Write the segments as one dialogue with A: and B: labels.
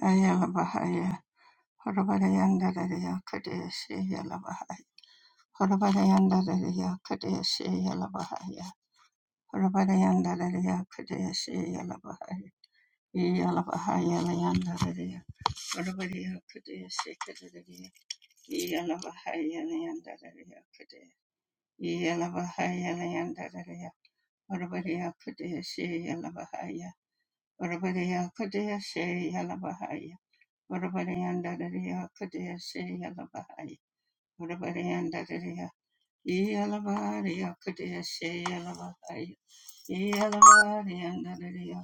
A: Ayala Bahaya, Horabarayandararia Kadeshi Yala Bahaya, Horabarayandararia Kadeshi Yala Bahaya, Horabarayandararia Kadeshi Yala Bahaya, Yala Bahaya Layandararia, Horabaria Kadeshi Kadadaria, Yala Bahaya Layandararia Kadeshi, Yala Bahaya Layandararia, Horabaria Kadeshi Yala Bahaya, Horabaria Kadeshi Yala Bahaya, Urabariyandarariya Kudeshe Yalabahai. Urabariyandarariya Yalabariya Kudeshe Yalabahai. Yalabariyandarariya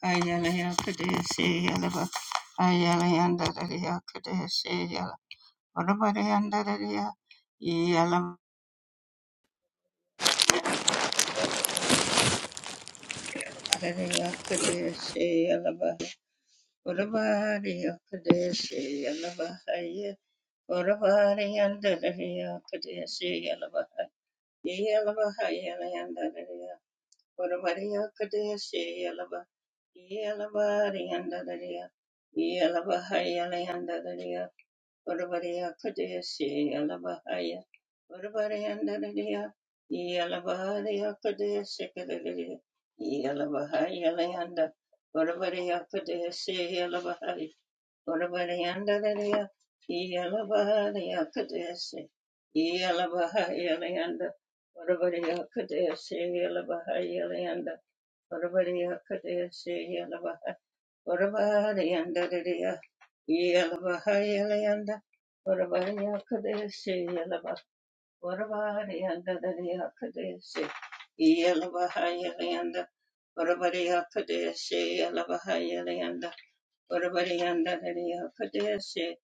A: Ayalaya Kudeshe Yalaba. Ayalayandarariya Kudeshe Yalaba. Urabariyandarariya Yalaba. Yalabariya Kudeshe Yalaba. Urabariya Kudeshe Yalabahai. Urabariyandarariya Kudeshe Yalaba. Yelabaha Yelayandadaria, Whatabadiya Kadeshi Yelaba, Yelabadi Yandadaria, Yelabaha Yelayandadaria, Whatabadiya Kadeshi Yelabahaya, Whatabadiyandadaria, Yelabadiya Kadeshi Kadadaria, Yelabaha Yelayanda, Whatabadiya Kadeshi Yelabahaya, Orabariyandarariya, Iyalabahariyakadesi, Iyalabahariyanda, Orabariyakadesi, Iyalabahariyanda, Orabariyakadesi, Iyalabahar, Orabariyandariya, Iyalabahariyanda, Orabariyakadesi, Iyalabah, Orabariyandariyakadesi, Iyalabahariyanda, Orabariyakadesi, Iyalabahariyanda, Urabarianda Daria Kadeshe,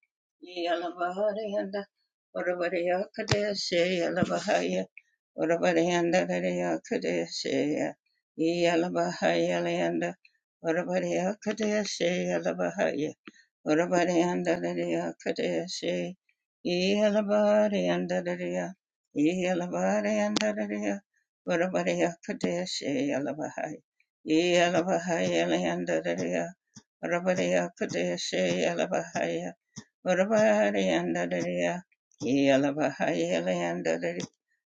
A: Yalabaharianda, Urabaria Kadeshe, Yalabahaya, Urabarianda Daria Kadeshe, Yalabahaya Leanda, Urabaria Kadeshe, Yalabahaya. Urabariandararia Kadeshi, Yalabariandararia, Yalabariandararia, Urabaria Kadeshi, Yalabahai, Yalabahai, Yaliandararia, Urabaria Kadeshi, Yalabahai, Urabariandararia, Yalabahai,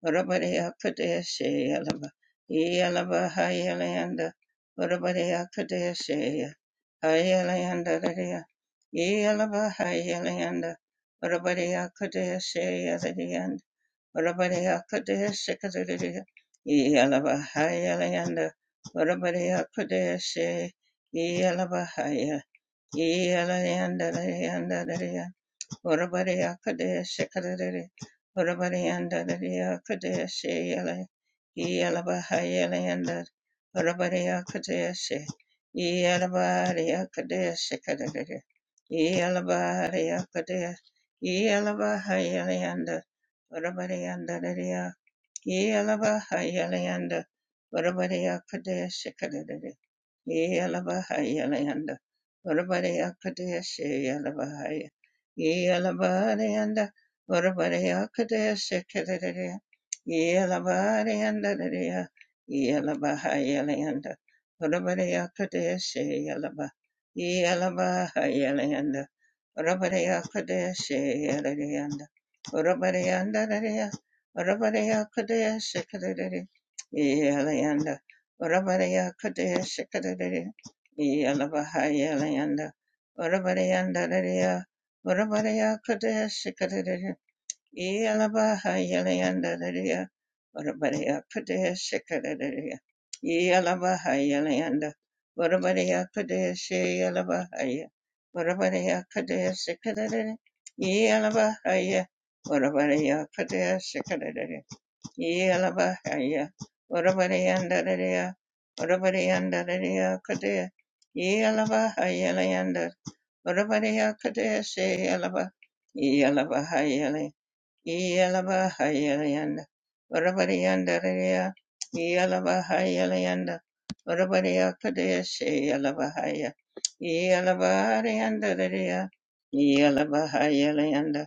A: Urabadiya Kadeshi Yalaba Yalaba Hayalayanda Urabadiya Kadeshi Hayalayanda Dadiya Yalaba Hayalayanda Urabadiya Kadeshi Yaladiyan Urabadiya Kadeshi Kadadiya Yalaba Hayalayanda Urabadiya Kadeshi Yalaba Haya Yalayanda Dadiya Orabariya Kadeshi Kadari Orabariyanda Dariya Kadeshi Yala Yalabahayalayanda Orabariya Kadeshi Yalabariya Kadeshi Kadari Yalabariya Kadeshi Yalabahayalayanda Orabariyanda Dariya Yalabahayalayanda Orabariya Kadeshi Kadari Yalabahaya Layanda. Varabadaya Kadesha Yalabahaya. Yalabadayanda. Varabadaya Kadesha Kadadaya. Yalabadayanda Dadaya. Yalabahaya Layanda. Varabadaya Kadesha Yalaba. Yalabahaya Layanda. Varabadaya Kadesha Yalayanda. Varabadayanda Dadaya. Varabadaya Kadesha Kadadaya. Yalayanda, Orabaraya Kadaya Shikadadaya Yalabahaya Layanda Orabarayanda Dadaya Orabaraya Kadaya Shikadadaya Yalabahaya Layanda Dadaya Orabaraya Kadaya Shikadadaya Yalabahaya Layanda Orabaraya Kadaya Shiyalabahaya Orabaraya Kadaya Shikadadaya Yalabahaya Orabaraya Kadaya Yealabahaya, Orabarayandararia, Orabarayandaria Kadea, Yealabahaya Layanda, Orabaraya Kadea, Sealaba, Yealabahaya Iyalabahayalayanda. Varavariyandariya. Iyalabahayalayanda. Varavariyakadeshe Iyalabahaya. Iyalabahariyandariya. Iyalabahayalayanda.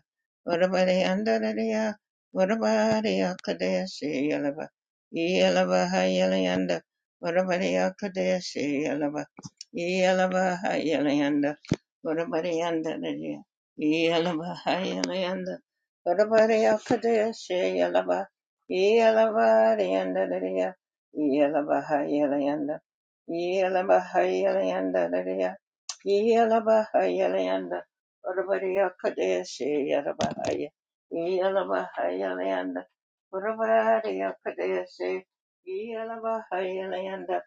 A: Varavariyandariya. Varavariyakadeshe Iyalaba. Iyalabahayalayanda. Varavariyakadeshe Iyalaba. Iyalabahayalayanda. Varavariyandariya. Iyalabahayalayanda. Yalabaria Kadesha Yalaba Yalabarianda Daria Yalabaha Yalayanda Yalabaha Yalayanda Daria Yalabaha Yalayanda Yalabaria Kadesha Yalabahaya Yalabaha Yalayanda Yalabaria Kadesha Yalabaha Yalayanda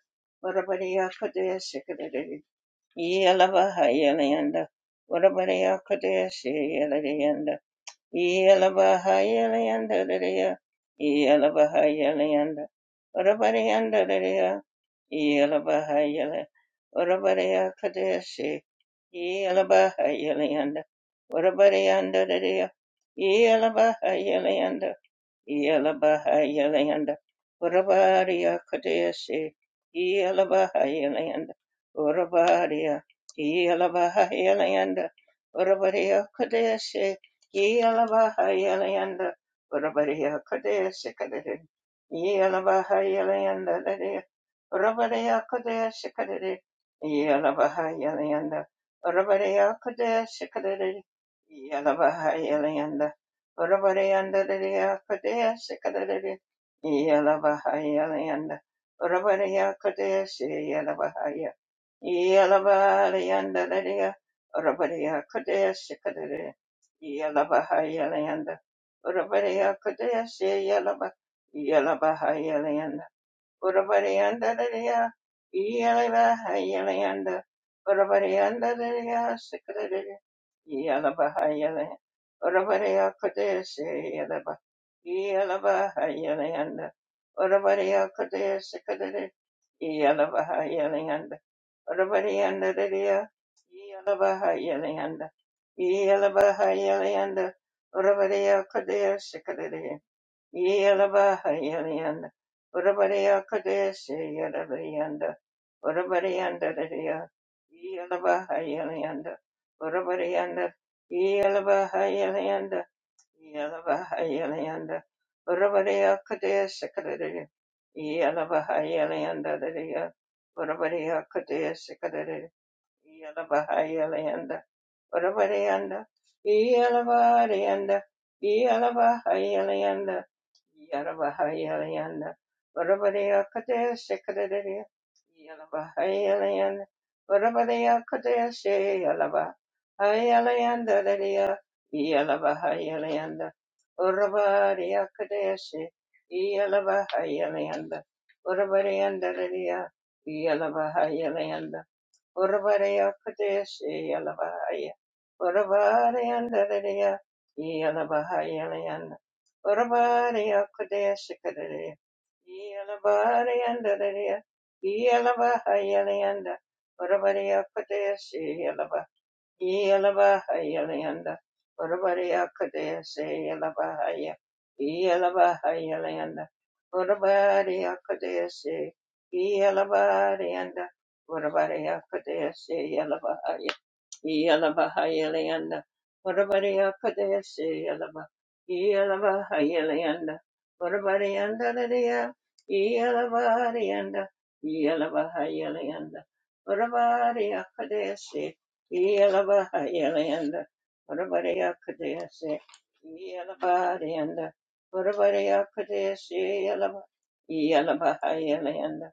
A: Yalabaria Kadesha Yalabaha Yalayanda Yalabaria Kadesha Yalayanda Yelabahayalayandadadaya, Yelabahayalayanda, Orabarayandadadaya, Yelabahayala, Orabarayakadesi, Yelabahayalayanda, Orabarayandadadaya, Yelabahayalayanda, Yelabahayalayanda, Urabariya Kadesi, Yelabahayalayanda, Urabariya, Yelabahayalayanda, Urabariya Kadesi, Yelabahayalayanda, Urabariya Kadesi Kadere, Yelabahayalayanda, Urabariya Kadesi Kadere, Yelabahayalayanda, Urabariya Kadesi Kadere, Yelabahayalayanda, Orabarayandadadaya Kadaya Sikadadadaya Yalabahaya Layanda Orabaraya Kadaya Siyalabahaya Yalabarayandadadaya Orabaraya Kadaya Sikadadaya Yalabahaya Layanda Orabaraya Kadaya Siyalabahaya Urabariandararia, Yelava, Yelanda, Urabariandararia, Sikararia, Yelava, Yele, Urabaria Kodesi, Yelava, Yelava, Yelanda, Urabaria Kodesi, Sikararia, Yelava, Yelanda, Urabariandararia, Yelava, Yelanda, Yelava, Yelanda, Urabaria Kodesi, Yelabahayalayanda, Urabariya Kadeshi Yelabayanda, Urabariyanda Dadiya, Yelabahayalayanda, Urabariyanda, Yelabahayalayanda, Yelabahayalayanda, Urabariya Kadeshi Kadadiya, Yelabahayalayanda Dadiya, Urabariya Kadeshi Kadadiya, Yelabahayalayanda, Urabariyanda, Yelabariyanda, Yelabahayalayanda, Yaravahayalayanda. Varavadeya Kataya Sekadadadaya. Yalavahayalayanda. Varavadeya Kataya Seyalava. Hayalayanda Dadaya. Yalavahayalayanda. Varavadeya Kataya Se. Yalavahayalayanda. Varavadeyanda Dadaya. Uravareya Kadeshi Yalavaya. Uravareyandareya Yalavahayana. Uravareya Kadeshi Kadeya. Yalavareyandareya Yalavahayana. Uravareya Kadeshi Yelabahaya Leanda, Urabaya Kadea say Yelabahaya, Yelabahaya Leanda, Urabaya Kadea say Yelabahaya, Urabaya Kadea say Yalabahayalanda. Whatabody Akadesi Yalaba. Yalabahayalanda. Whatabody Andaladia. Yalabahayanda. Yalabahayalanda. Whatabody Akadesi. Yalabahayalanda. Whatabody Akadesi. Yalabahayanda. Whatabody Akadesi Yalaba. Yalabahayalanda.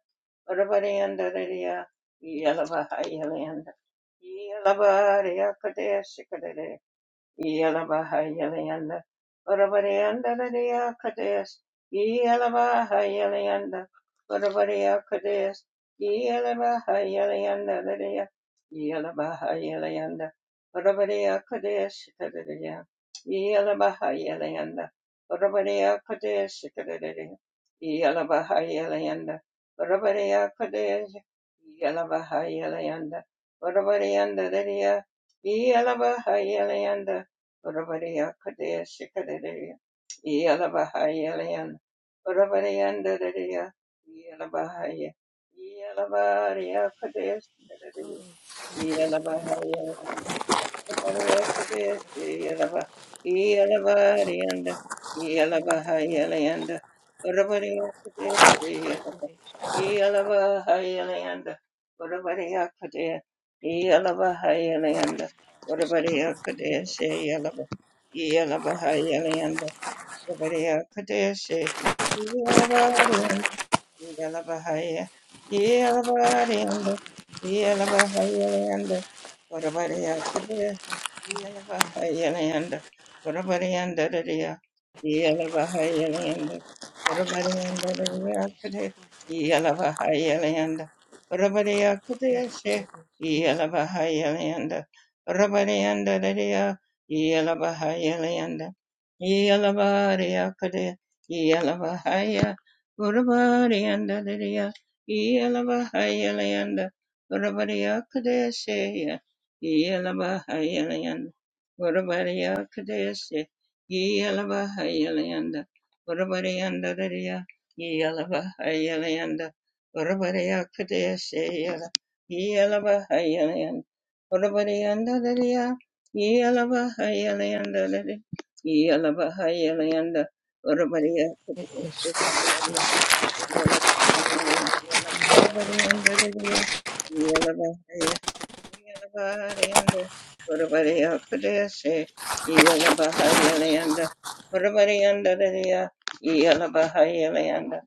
A: Whatabody Andaladia. Yalabahayalanda. Yelabariyakadeshikadere. Yalabahayalayanda. Varavareyandarareya Kadesh. Yalabahayalayanda. Varavareya Kadesh. Yalabahayalayandareya. Yalabahayalayanda. Varavareya Kadesh. Kadereya. Yalabahayalayanda. Varavareya Kadesh. Kadereya. Yalabahayalayanda. Varavareya Kadesh. Yalabahayalayanda. Varavareyandareya. Yalabahayalayanda. Urabariya Kadeya Shikadariya Yalabahaya Layan Urabariyandariya Yalabahaya Yalabariya Kadeya Shikadariya Yalabahaya Yalaba, Yelavahaya, Yelavarayanda, Yelavahayalayanda, Varavarayakadaya, Yelavahayalayanda, Varavarayandaraya, Yelavahayalayanda, Varavarayandarayanakadaya, Yelavahayalayanda,
B: It
A: Varavarayakadayashe, Yelavahayalayanda, Varavarayandaraya, Yelavahayalayanda, Yelavarayakadaya, Yelavahaya, Urabarianda Lidia, Yelabahayalayanda, Urabaria Kadesia, Yelabahayalayanda, Urabaria Kadesia, Yelabahayalayanda, Urabarianda Lidia, Yelabahayalayanda, Urabaria Kadesia, Yelabahayalayanda, Urabarianda Lidia, Yelabahayalayanda, Yelabahayalayanda, Urabaria
B: is
A: Kadesia. Yelabahayalanda,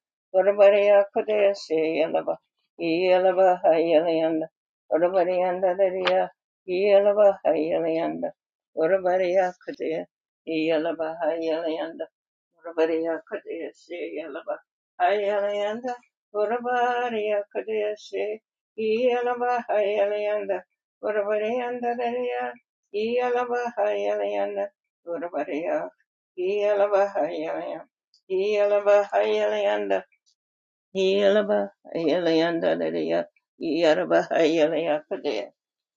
A: Urabariya Kadesi Yalaba Hayalayanda Urabariya Kadesi Yalaba Hayalayanda Urabariyanda Dariya Yalaba Hayalayanda Urabariya Yalaba Hayalayanda Yalaba Yelaba, Yelayanda, Lydia, Yaraba, Yelaya, Padea,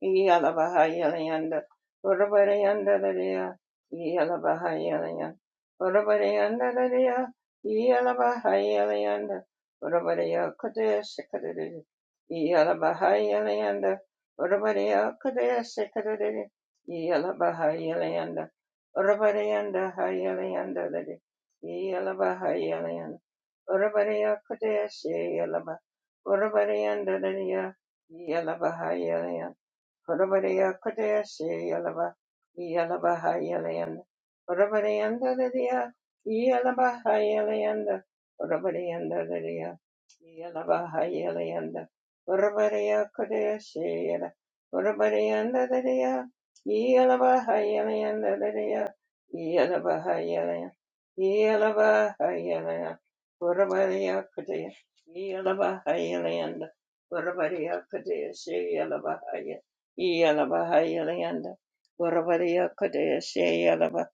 A: Yalaba, Yelayanda, Urabarayanda, Lydia, Yalaba, Yelayan, Urabarayanda, Lydia, Yalaba, Yelayanda, Urabaraya, Kadea, Sikadidi, Yalaba, Yelayanda, Urabaraya, Kadea, Sikadidi, Yalaba, Yelayanda, Urabarayanda, Yelayanda, Lydia, Yalaba, Yelayanda, Orabariya Kodaya She Yalaba Orabariya Dadaya Yalabahaya Horabariya Kodeshe Yalaba Yalabaha Yalayanda Horabariyanda Dadia Yalabaha Yalayanda Horabariyanda Dadia Yalabaha Yalayanda Horabariya Kodeshe Yala Horabariyanda Dadia Yalabaha Yalayanda Dadia Yalabaha Yalayanda Yalabaha Yalayanda Horabariya Kodeshe Yalabaha Yalayanda Horabariya Kodeshe Yalabaha Yalabahayalayanda, Urabariya Kadeshe Yalaba,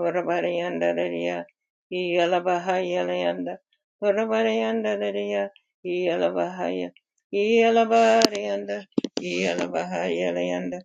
A: Urabariyanda Lidia, Yalabahayalayanda, Urabariyanda Lidia, Yalabahaya, Yalabariyanda, Yalabahayalayanda,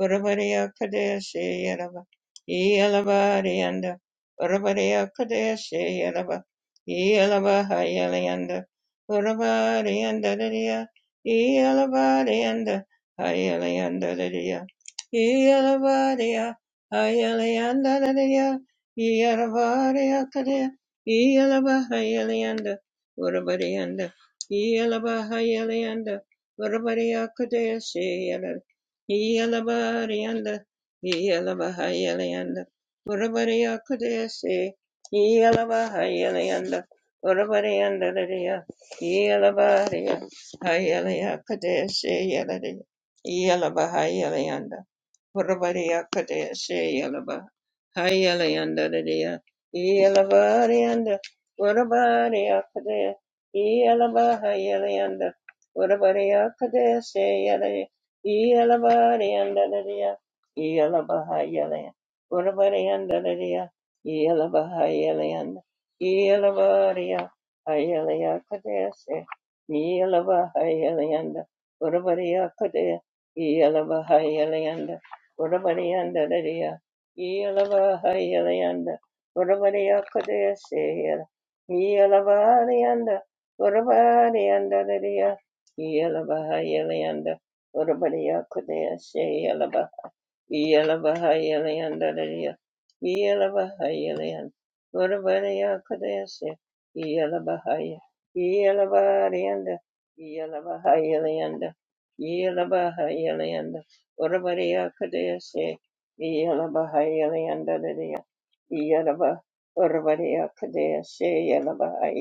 A: Urabariya Kadeshe Yalaba, Yalabariyanda, Urabariya Kadeshe Yalaba, Yalabahayalayanda, Urabariyanda Lidia, Yalabariyanda, Ayalayandadadaya. Iyalavaria. Ayalayandadadaya. Iyalavaria kadaya. Iyalavahayalayanda. Urabarianda. Iyalavahayalayanda. Urabaria kadaya seyala. Iyalabarianda. Iyalavahayalayanda. Urabaria kadaya se. Iyalavahayalayanda. Urabarianda dadaya. Iyalavaria. Hayalaya kadaya seyala. Yalaba Hayalayanda. Purabaria Kadeshe Yalaba Hayalayanda Dia Yalabarianda Purabaria Kade Yalaba Hayalayanda Purabaria Kadeshe Yalay Yalabarianda Dia Yalaba Hayalay Purabarianda Dia Yalaba Hayalayanda Yalabaria Hayalaya Kadeshe Yalaba Hayalayanda Purabaria Yalabahayalayanda, Urabariyanda Daria, Yalabahayalayanda, Urabariya Kodaya Sehila, Yalabahayalayanda, Urabariyanda Daria, Yalabahayalayanda, Urabariya Kodaya Yelabahayalayandadaya. Yelabahayalayan. Varavarayakadayasya. Yelabahaya. Yelabarayanda. Yelabahayalayanda. Yelabahayalayanda. Varavarayakadayasya. Yelabahayalayandadaya. Yelaba- Varavarayakadayasya.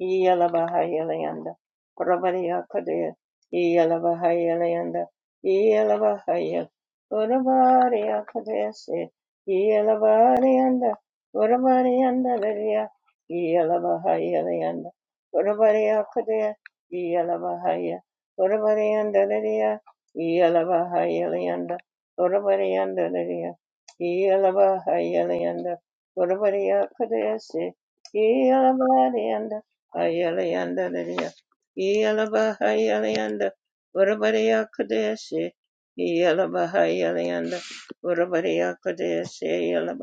A: Yalabahayalayanda, Rabariya Kadea, Yalabahayalayanda, Yalabahaya, Urabariya Kadesi, Yalabarianda, Urabarianda Lidia, Yalabahayalayanda, Urabariya Kadea, Yalabahaya, Urabarianda Lidia, Yalabahayalayanda, Urabarianda Lidia, Yalabahayalayanda, Urabariya Kadesi, Yalabahayalayanda, Hayalayanda Lidia. Yalaba Hayalayanda. Urabadiya Kadeshi. Yalaba Hayalayanda. Urabadiya Kadeshi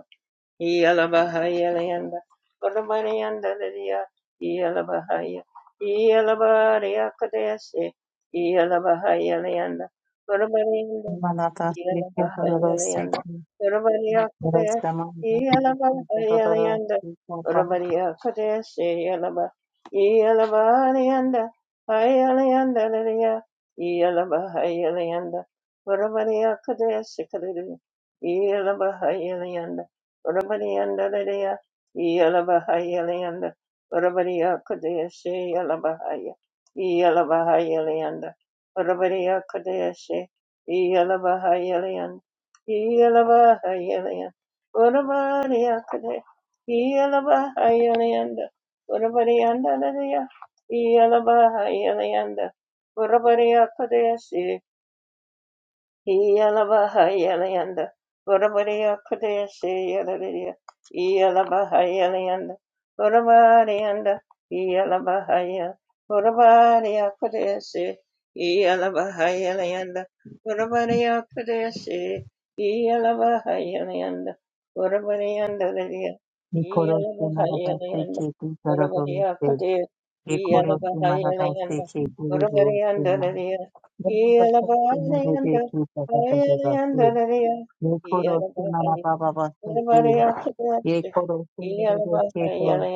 A: yala Bahaya Leanda, Orabarianda Lydia, yala Bahaya, yala Orabariandalaria, Yalabahaya, Yalabaria Kadesi, Yalabahayalanda, Orabarianda,
C: Manata Siki Dororo
A: Yalabahayalanda,
C: Siki
A: Orabaria
C: Nikoro
A: Kades,
C: Samanda Siki Dororo
A: Yalabahayalanda,
C: Sikopa
A: Orabaria Kadesi, Yalaba, Yalabarianda, Hayalanda, Yalabahayalanda, Orabaria Kadesi, yala Yalabahayalanda, Urabadiyandaradaya, Iyalavahayalayanda, Urabadiyakadayashe, Yalavahaya, Iyalavahayalayanda, Urabadiyakadayashe, Iyalavahayalayanda, Iyalavahayalayanda, Urabadiyakadaya, Iyalavahayalayanda, Urabadiyandaradaya, Iyalavahayalayanda, Urabadiyakadayashe, Iyalabahayalanda, Urabadiya Kudayasi Yaladiya, Iyalabahayalanda, Urabadiyanda, Iyalabahaya, Urabadiya Kudayasi, Iyalabahayalanda, Urabadiya Kudayasi, Iyalabahayalanda, Urabadiyanda Lidiya,
C: Nikoro Simarada
A: Iyalabahayalanda,
C: Siki Dororo
A: Urabadiya
C: Siki
A: Kudayasi,
C: Nikoro Simarada
A: Iyalabahayalanda,
C: Siki Dororo
A: Urabadiyanda
C: Sima
A: Lidiya,
C: Yamada Siki Merede Kita Dororo
A: yeah.
C: Siki Nikoro Simana Baba Siki Yekoro Simarede Kito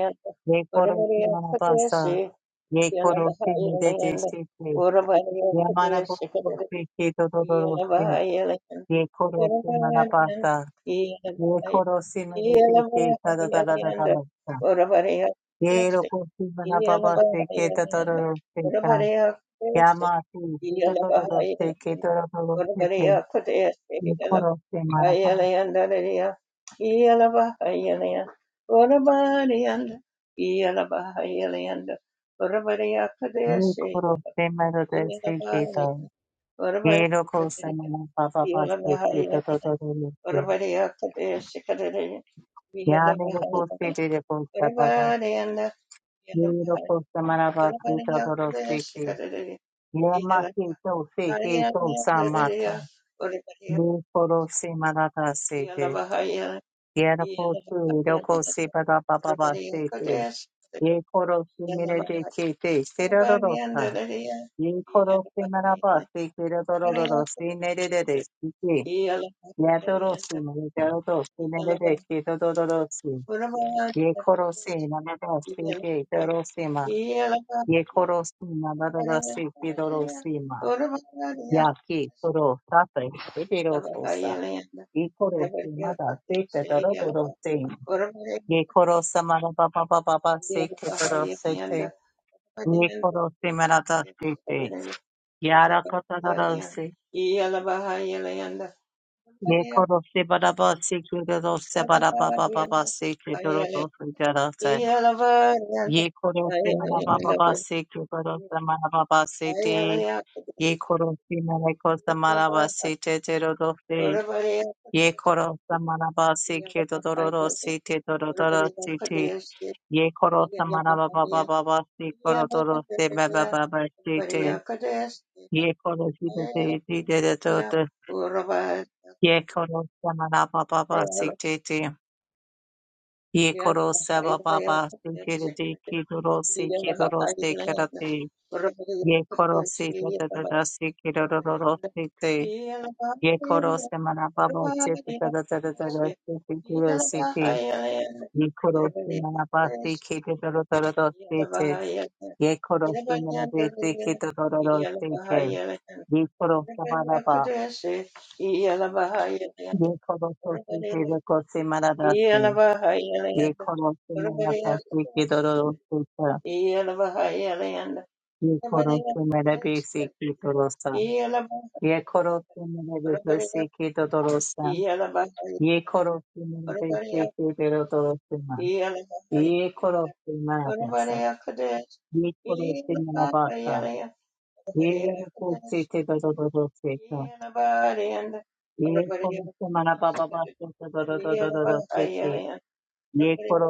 C: Yekoro Simana Basa Yekoro Simarede Siki Yamana Bobo Siki Dororo ye koro se manapasa, ye koro se merete ke tada tada tada tada, ye roko se manapapa se ke tada tada se ta, yama se se tada tada se ke tada tada se te,
A: Orabariya Kudaya
C: ye
A: Sriya
C: koro se manapa,
A: Ayalayandariya Iyalaba Ayalaya Orabariyanda Iyalaba Ayalayanda Orabariya Kudaya
C: ye
A: Sriya
C: koro se merete se
A: Iyalaba
C: ke ta,
A: Ayalayanda
C: ye
A: Orabariya
C: roko se
A: Kudaya
C: manapapa
A: Iyalaba
C: se ke tada
A: Ayalayanda
C: tada se,
A: Orabariya Kudaya Sriya
C: yane
A: Iyalaba
C: roko
A: Ayalayanda
C: se de roko se tada,
A: Orabariyanda
C: ye
A: Iyalaba
C: roko
A: Ayalayanda
C: se manapa se tada
A: Orabariya
C: tada
A: Kudaya
C: se ke,
A: Sriya Iyalaba
C: Yamaketo Seketo
A: Ayalayanda
C: Samata.
A: Orabariya
C: Nikoro Semarata Sete.
A: Yelavahaya,
C: Yarako
A: Yelavahaya,
C: Roko Sebada Baba
A: Everybody
C: Sete.
A: Kodesh,
C: Yekoro Semire de
A: Yelavahaya,
C: Kete.
A: Yelavahaya,
C: Serarorosa.
A: Yelavahaya,
C: Yekoro Semaraba
A: Yelavahaya,
C: Sekerororo
A: Kodesh,
C: Senere de Sike.
A: Yelavahaya,
C: Yadoro
A: Yelavahaya,
C: Semire Doro Senere de Keto Si.
A: Urabahaya,
C: Yekoro Semarada Seke
A: Yelavahaya,
C: Doro
A: Yelavahaya, Urabahaya,
C: Sema. Yekoro
A: Yelavahaya,
C: Semarada Seke Doro Sema.
A: Urabahaya, Yelavahaya, Yelavahaya,
C: Yaki, Toro, Tata, Ebero, Tosa, Ikoro,
A: Everybody
C: Mada,
A: Kodesh,
C: Sete, Dororo,
A: Yelavahaya,
C: Se,
A: Urabahaya,
C: Yekoro, Samara, Baba, Baba,
A: Yeah.
C: Sete,
A: Yeah.
C: Toro,
A: Yeah,
C: Sete, Yekoro, Semarada, Sete, Yara,
A: yeah, yeah,
C: Katara, Se,
A: yeah.
C: Yekoro, Sebaraba, Sekiro, Sebara, Baba, Baba, Sete, Dororo, Sete, Se, Yekoro, Semara, Baba, Sekiro, Samara, Baba, Sete, Yekoro, Semara, Kosamara, Sete, Tero,
A: Everybody,
C: Ye koro samanaba si ke dodoro si te dodoro si te. Ye koro samanaba baba baba si koro dodoro si baba baba si te.
A: uh, could ask.
C: Ye koro si te te te te te te
A: Iya,
C: te.
A: bahaya.
C: Ye koro samanaba baba si te te. Ye
A: Iya,
C: koro saba
A: bahaya.
C: baba si
A: Iya,
C: te te te ki dodoro si ki dodoro si karate. Ye koro si te te te te si ki dodoro si te. Ye koro samanaba baba si te te te te te te si te te te te. Yekorosi manabasi kete dorodoro sete. Yekorosi manabasi kete dorodoro sete. Yekorosi manaba.
A: bahaya.
C: Yekorosi
A: Yeah.
C: sete yekosi manadasi. Yekorosi manabasi kete dorodoro sete. Yekorosi manabasi kete dorosa. Yekorosi manabasi kete dorosa. Yekorosi manabasi kete dorodoro sema. Yekorosi manabasa. Yekorosi manabasa. Ye koro se mana baba ba
A: Yeah.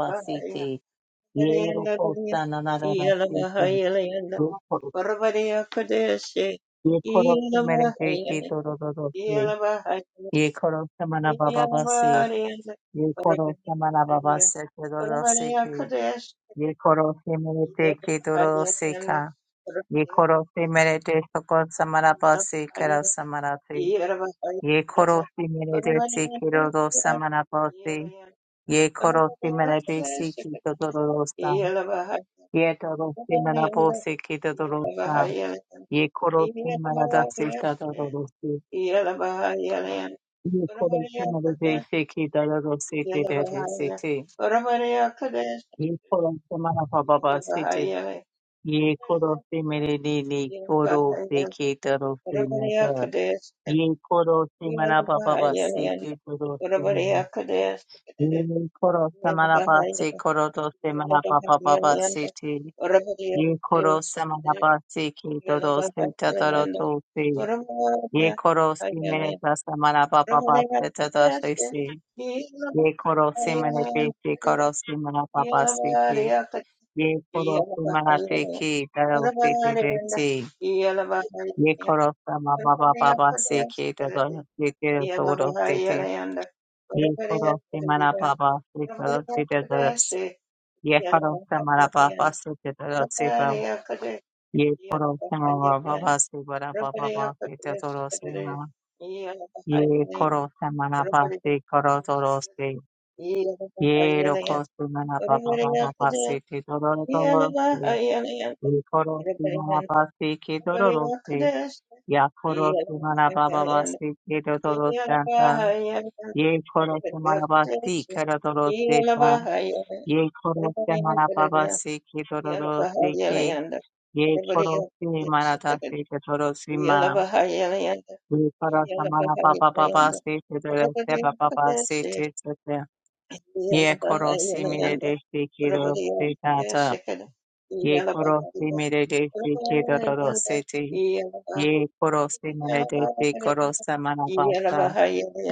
C: se te. Yero
A: Yeah.
C: costa na na na na se ke. Roko- Ye koro se mere te ke to ro ro ro se. Ye koro se mana baba ba se. Ye koro se mana baba se ke ro ro se ke. Ye koro se mere te ke to ro do se ka. Ye koro se mere te soko samana ba se kara samana te. Ye koro se mere te se ke ro do samana ba se. Ye koro se mere te se ke to ro ro do sa. Ye do do se mana ba se ke to ro do sa. ye koro tu marada se ta da da do se
A: Yalabahayalanda,
C: ye koro tu marade se ki da da do se te de de se te ye koro tu mara pa ba ba se te ye koro se mere de de koro se ki da do se na da ye koro se mara pa ba ba se ki da do
A: Ora
C: se na. ye koro se mara pa se koro do se mara pa pa pa pa se te ye koro se mara pa se ki da do se ta da do se Ye koro
A: bariya,
C: simene tasa mana papa pasta tata
A: Yeah.
C: shisi. Ye koro simene peki koro simana papa siti. Ye koro simana peki taro siti deti. Ye koro sama papa papa siki tata siti toro siti. Ye koro simana papa siti toro siti tata s- Ye koro samana papa siti toro sipa. Ye koro samana papa siti toro papa siti toro sima. Ye koro samana pase koro toro se.
A: Yeah.
C: Ye roko se pa pa pa pa pa se te toro toro se. Ye koro samana pase ke toro ro se. Ya koro se pa pa pa se ke toro santa. Ye koro samana pase koro toro se ta. Ye koro samana pa pa se ke toro ro se ke. Ye koro samana ta se ke toro se ma. Ye kara samana pa pa pa pa se te te te te pa pa pa se te te te.
A: Yeah.
C: Ye koro si mi de si ki ro se ta ta. Ye koro si mi de si ki ro ro ro se te. Ye koro si mi re de si koro samana pa sa.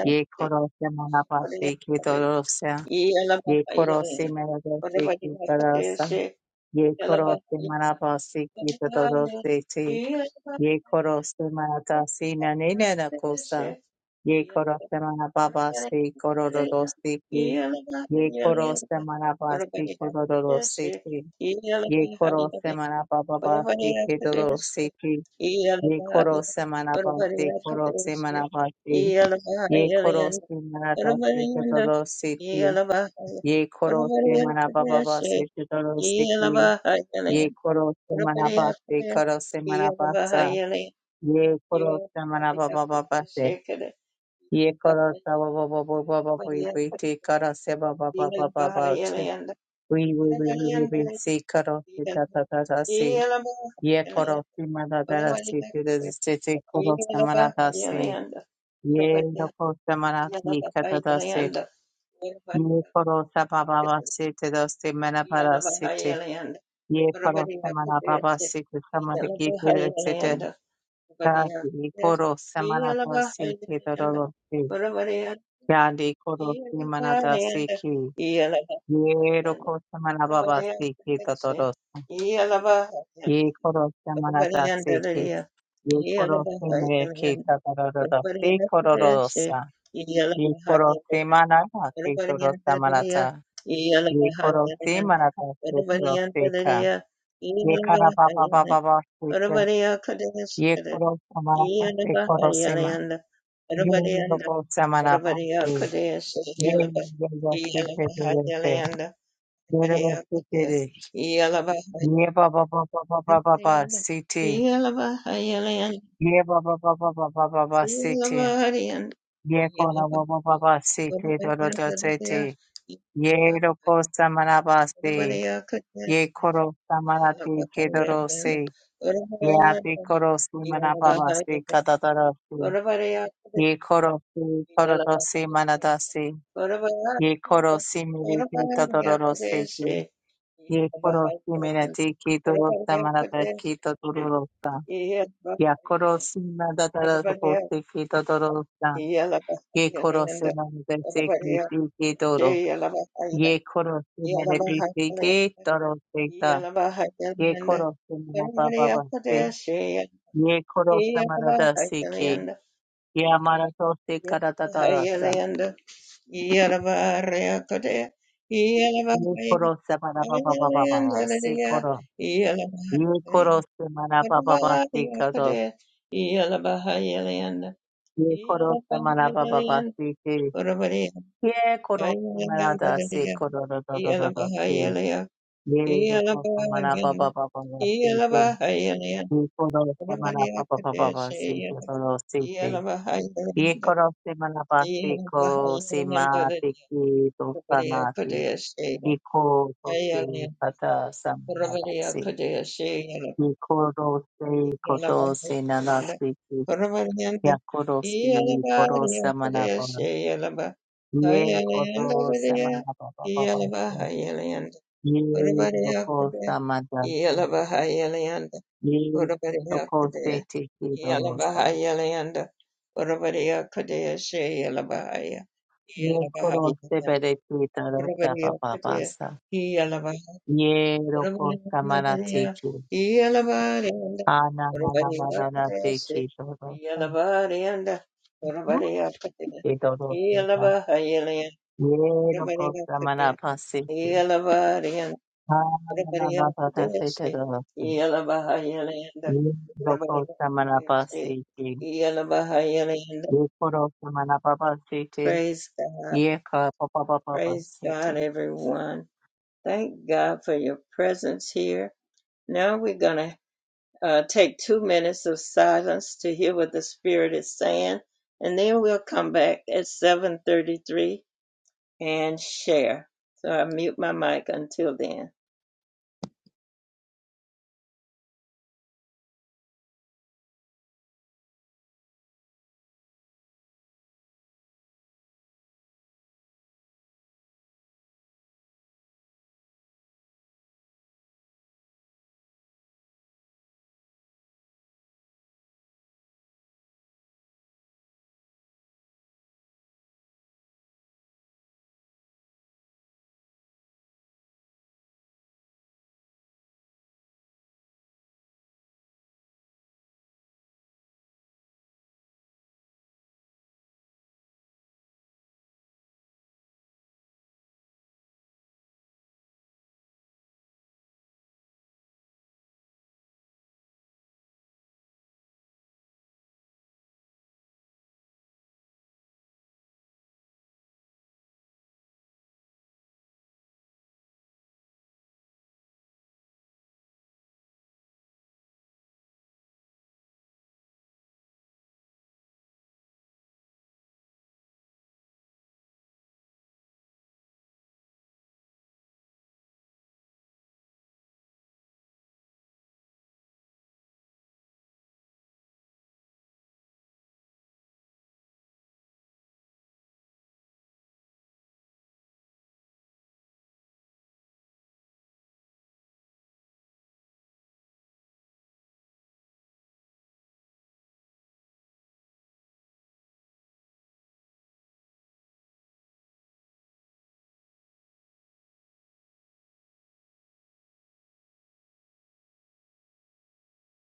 C: Ye koro samana pa se ki ro ro se. Ye koro si mi de si ki ro ro sa. Ye koro si mana pa se ki ro ro ro se Ye koro se mana tasi na ne ne na kosa. Ye koro se mana baba
A: Yeah.
C: se koro ro ro se ki. Ye koro se mana ba se koro ro ro se ki. Ye koro se mana baba ke ro ro se ki. Ye koro se mana ba se koro se mana ba si. Ye koro se mana da ke ro ro se ki. Ye koro se mana baba ke ro ro se ki. Ye koro se mana ba se koro se mana ba Ye korosa manaba baba bate. Ye korosa baba baba baba baba baba te karase baba baba
A: Yellow
C: baba che. We we we we we we see karose ta ta ta ta see. Ye korosi manadara see te te te te korosa manada see. Ye korosa manati kata ta see. Ye korosa baba baba see te ta see manabara see te. Ye korosa manaba baba see te samadhi ki te te te. Yadi koro semana semanata seke dororote. Yandi koro semanata seke. Ye roko semana baba
A: Yeah.
C: seke totorosa. Ye koro semana semanata seke. Ye koro semere ke totorosa. Te kororosa. Ye koro semanata ke totorosa manata. Ye koro semanata ke toroseka. Ye kara baba baba baba seke. Ye koro semana semanata ke Yeah, ba ba ba ba ba
A: Yeah.
C: ba ba ba city. Yeah, ba ba ba ba ba ba ba ba city. Yeah, kona ba ba ba ba city. Do do do city. Yeah, ro ko samana ba si. Yeah, koro samana ti ke do ro si. Yeah, ti koro si mana ba ba si kata do ro si. Yeah, koro si koro do si mana da si. Ye koro simile ki todoro seki. Ye koro simile te ki todoro marata ki todoro sa.
A: Yeah.
C: Ya koro simile da da da ko seki todoro sa. Ye koro simile te seki seki toro. Ye koro simile te seki toro seka. Ye koro simile ba ba ba se. Ye koro simile da seki. Ya marato se karata da da sa. Ye koro simile ba ba ba ba ba ba se Ye koro se mana baba basi kado. Ye koro se mana baba basi ke.
A: Urabareba
C: Ye koro se mana da se
A: ayiyambariye
C: koro da da da da da se.
A: iyalabahayeya
C: Ye koro se mana
A: iyalabahayeya
C: baba baba basi ke.
A: iyalabahayeya
C: Ye koro se mana
A: urabareba
C: baba baba
A: kadeshe
C: basi ke da da se ke. Ye
A: iyalabahayeya
C: koro se mana basi ko
A: iyalabahayeya
C: se ma
A: urabareba
C: te ki do sa na te.
A: kadeshe
C: Ye ko to se
A: ayaleya
C: pata sa mana da
A: urabareba
C: se.
A: kadeshe
C: Ye koro se koto se na na
A: iyalabahayeya
C: se.
A: urabareba
C: Ya koro si koro
A: iyalabahayeya
C: samana ba.
A: kadeshe
C: Ye
A: iyalabahayeya
C: koro samana ba ba ba ba. ba.
A: iyalabahayeya
C: Ye loko
A: Urabariakadea,
C: samada. ba.
A: Yelabahayelianda,
C: Ye loko se
A: Urabariakadea,
C: te ki dorosa.
A: Yelabahayelianda, Urabariakadea, Shayelabahaya,
C: Ye koro se
A: Yelabahayelianda,
C: bere ki dorosa ba
A: Urabariakadea,
C: basa.
A: Yelabahaya,
C: Ye loko samana te
A: Urabariakadea,
C: ki.
A: Yelabarianda,
C: Ana na na na na na te
A: Urabariakadea,
C: ki
A: Shay,
C: dorosa.
A: Yelabarianda, Urabariakadea,
C: Ki dorosa. ba.
A: Yelabahayelianda,
C: Ye loko samana
A: Urabariakadea,
C: pase ki.
A: Yelabarianda,
C: Ana na na
A: Everybody else
C: na
A: to
C: na te
A: this
C: te
A: day.
C: dorosa.
A: Yala Bahayalanda. Everybody
C: Yekoro
A: else to
C: samana
A: this day.
C: basete.
A: Yala Bahayalanda.
C: Yekoro samana babasete.
A: Praise God.
C: Yeka papa
A: Praise God,
C: babasete.
A: everyone. Thank God for your presence here. Now we're going to uh, take two minutes of silence to hear what the Spirit is saying, and then we'll come back at 7.33 and share. So I mute my mic until then.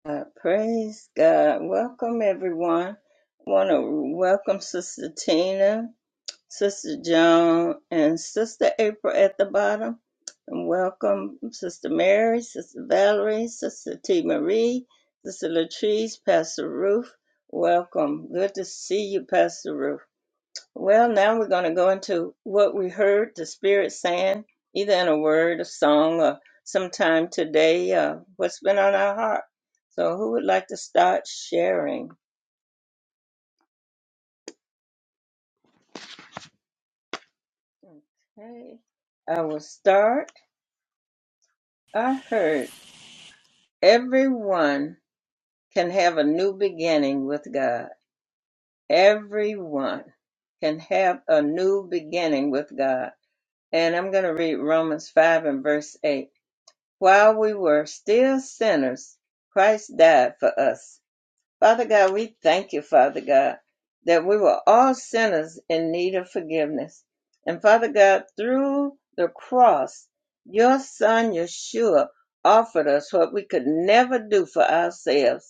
A: Uh, praise God. Welcome, everyone. I want to welcome Sister Tina, Sister Joan, and Sister April at the bottom. And welcome Sister Mary, Sister Valerie, Sister T. Marie, Sister Latrice, Pastor Ruth. Welcome. Good to see you, Pastor Ruth. Well, now we're going to go into what we heard the Spirit saying, either in a word, a song, or sometime today, uh, what's been on our heart. So, who would like to start sharing? Okay, I will start. I heard everyone can have a new beginning with God. Everyone can have a new beginning with God. And I'm going to read Romans 5 and verse 8. While we were still sinners, Christ died for us. Father God, we thank you, Father God, that we were all sinners in need of forgiveness. And Father God, through the cross, your son Yeshua offered us what we could never do for ourselves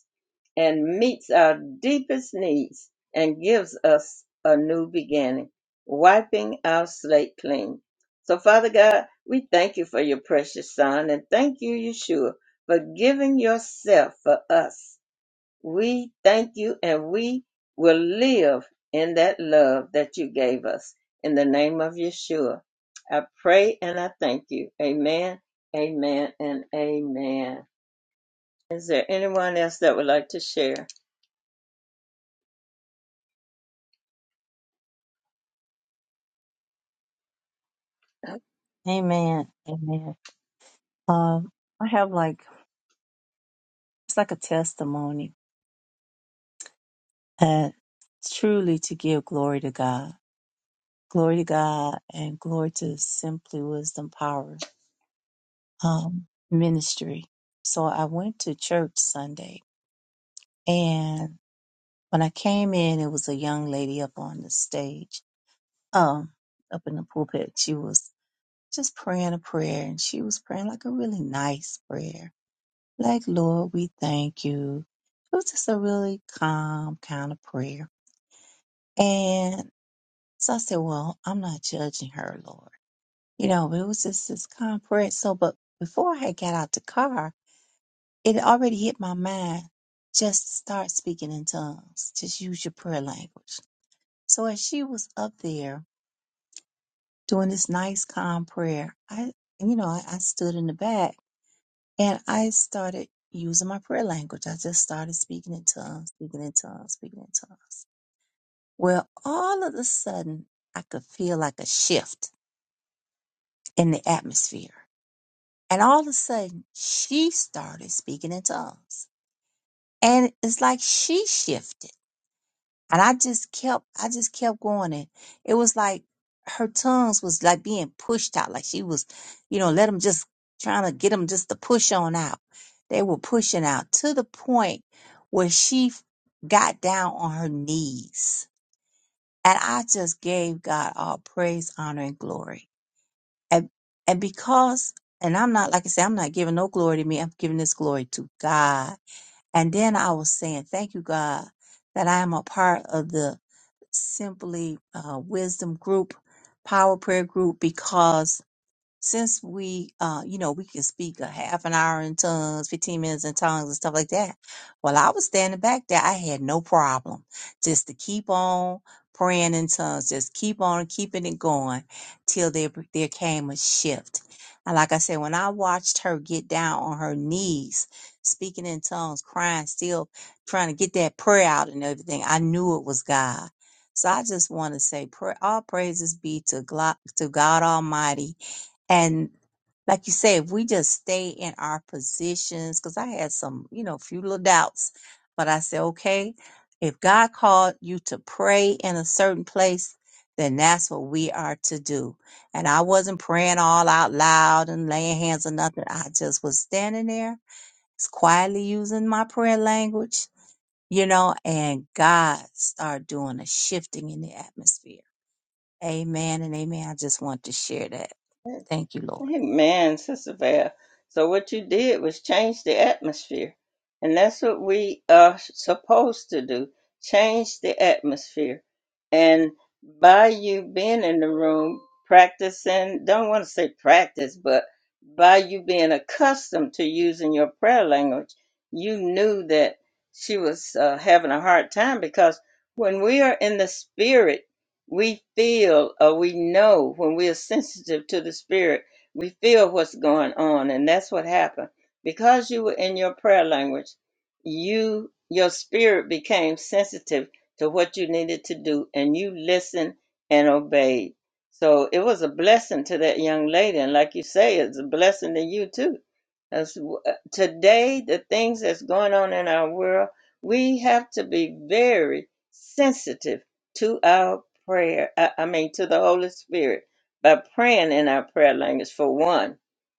A: and meets our deepest needs and gives us a new beginning, wiping our slate clean. So, Father God, we thank you for your precious Son and thank you, Yeshua, for giving yourself for us. We thank you and we will live in that love that you gave us. In the name of Yeshua, I pray and I thank you. Amen, amen, and amen. Is there anyone else that would like to share?
C: Amen. Amen. Um, I have like it's like a testimony and truly to give glory to God. Glory to God and glory to Simply Wisdom Power um, Ministry. So I went to church Sunday and when I came in, it was a young lady up on the stage. Um, up in the pulpit. She was. just praying a prayer. And she was praying like a really nice prayer. Like, Lord, we thank you. It was just a really calm kind of prayer. And so I said, Well, I'm not judging her, Lord. You know, but it was just this calm prayer. So, but before I had got out the car, it already hit my mind just start speaking in tongues, just use your prayer language. So as she was up there doing this nice, calm prayer, I, you know, I, I stood in the back And I started using my prayer language. I just started speaking in tongues, speaking in tongues, speaking in tongues. Well, all of a sudden, I could feel like a shift in the atmosphere. And all of a sudden, she started speaking in tongues. And it's like she shifted. And I just kept, I just kept going. And it was like her tongues was like being pushed out. Like she was, you know, let them just trying to get them just to push on out. They were pushing out to the point where she f- got down on her knees. And I just gave God all praise, honor, and glory. And, and because, and I'm not, like I said, I'm not giving no glory to me. I'm giving this glory to God. And then I was saying, thank you, God, that I am a part of the simply uh, wisdom group, power prayer group, because since we uh you know we can speak a half an hour in tongues 15 minutes in tongues and stuff like that well i was standing back there i had no problem just to keep on praying in tongues just keep on keeping it going till there there came a shift and like i said when i watched her get down on her knees speaking in tongues crying still trying to get that prayer out and everything i knew it was god so i just want to say pray, all praises be to, Glo- to god almighty and like you say, if we just stay in our positions, because I had some, you know, few little doubts, but I said, okay, if God called you to pray in a certain place, then that's what we are to do. And I wasn't praying all out loud and laying hands or nothing. I just was standing there, just quietly using my prayer language, you know, and God started doing a shifting in the atmosphere. Amen and amen. I just want to share that. Thank you, Lord.
A: Amen, Sister Val. So what you did was change the atmosphere. And that's what we are supposed to do. Change the atmosphere. And by you being in the room, practicing, don't want to say practice, but by you being accustomed to using your prayer language, you knew that she was uh, having a hard time because when we are in the spirit, we feel or we know when we are sensitive to the spirit we feel what's going on, and that's what happened. Because you were in your prayer language, you your spirit became sensitive to what you needed to do, and you listened and obeyed. So it was a blessing to that young lady, and like you say, it's a blessing to you too. As w- uh, today, the things that's going on in our world, we have to be very sensitive to our prayer. I, I mean, to the Holy Spirit by praying in our prayer language for one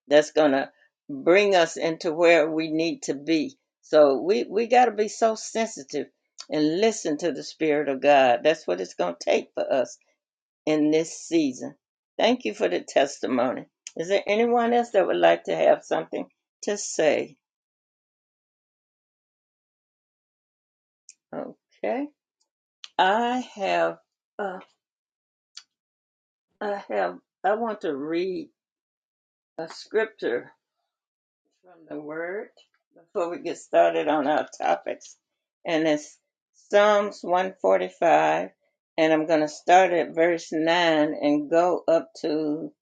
A: that's going to bring us into where we need to be so we we got to be so sensitive and listen to the spirit of god that's what it's going to take for us in this season thank you for the testimony is there anyone else that would like to have something to say okay i have uh, i have i want to read a scripture from the Word before we get started on our topics. And it's Psalms 145, and I'm going to start at verse 9 and go up to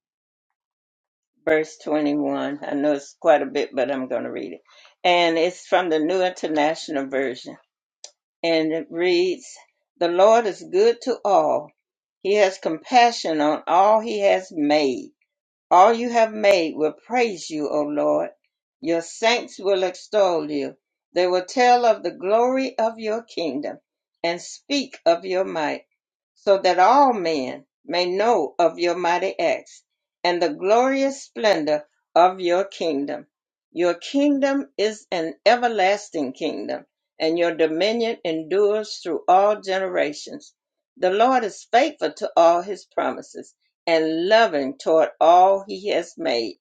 A: verse 21. I know it's quite a bit, but I'm going to read it. And it's from the New International Version. And it reads The Lord is good to all, He has compassion on all He has made. All you have made will praise you, O Lord. Your saints will extol you. They will tell of the glory of your kingdom and speak of your might, so that all men may know of your mighty acts and the glorious splendor of your kingdom. Your kingdom is an everlasting kingdom, and your dominion endures through all generations. The Lord is faithful to all his promises and loving toward all he has made.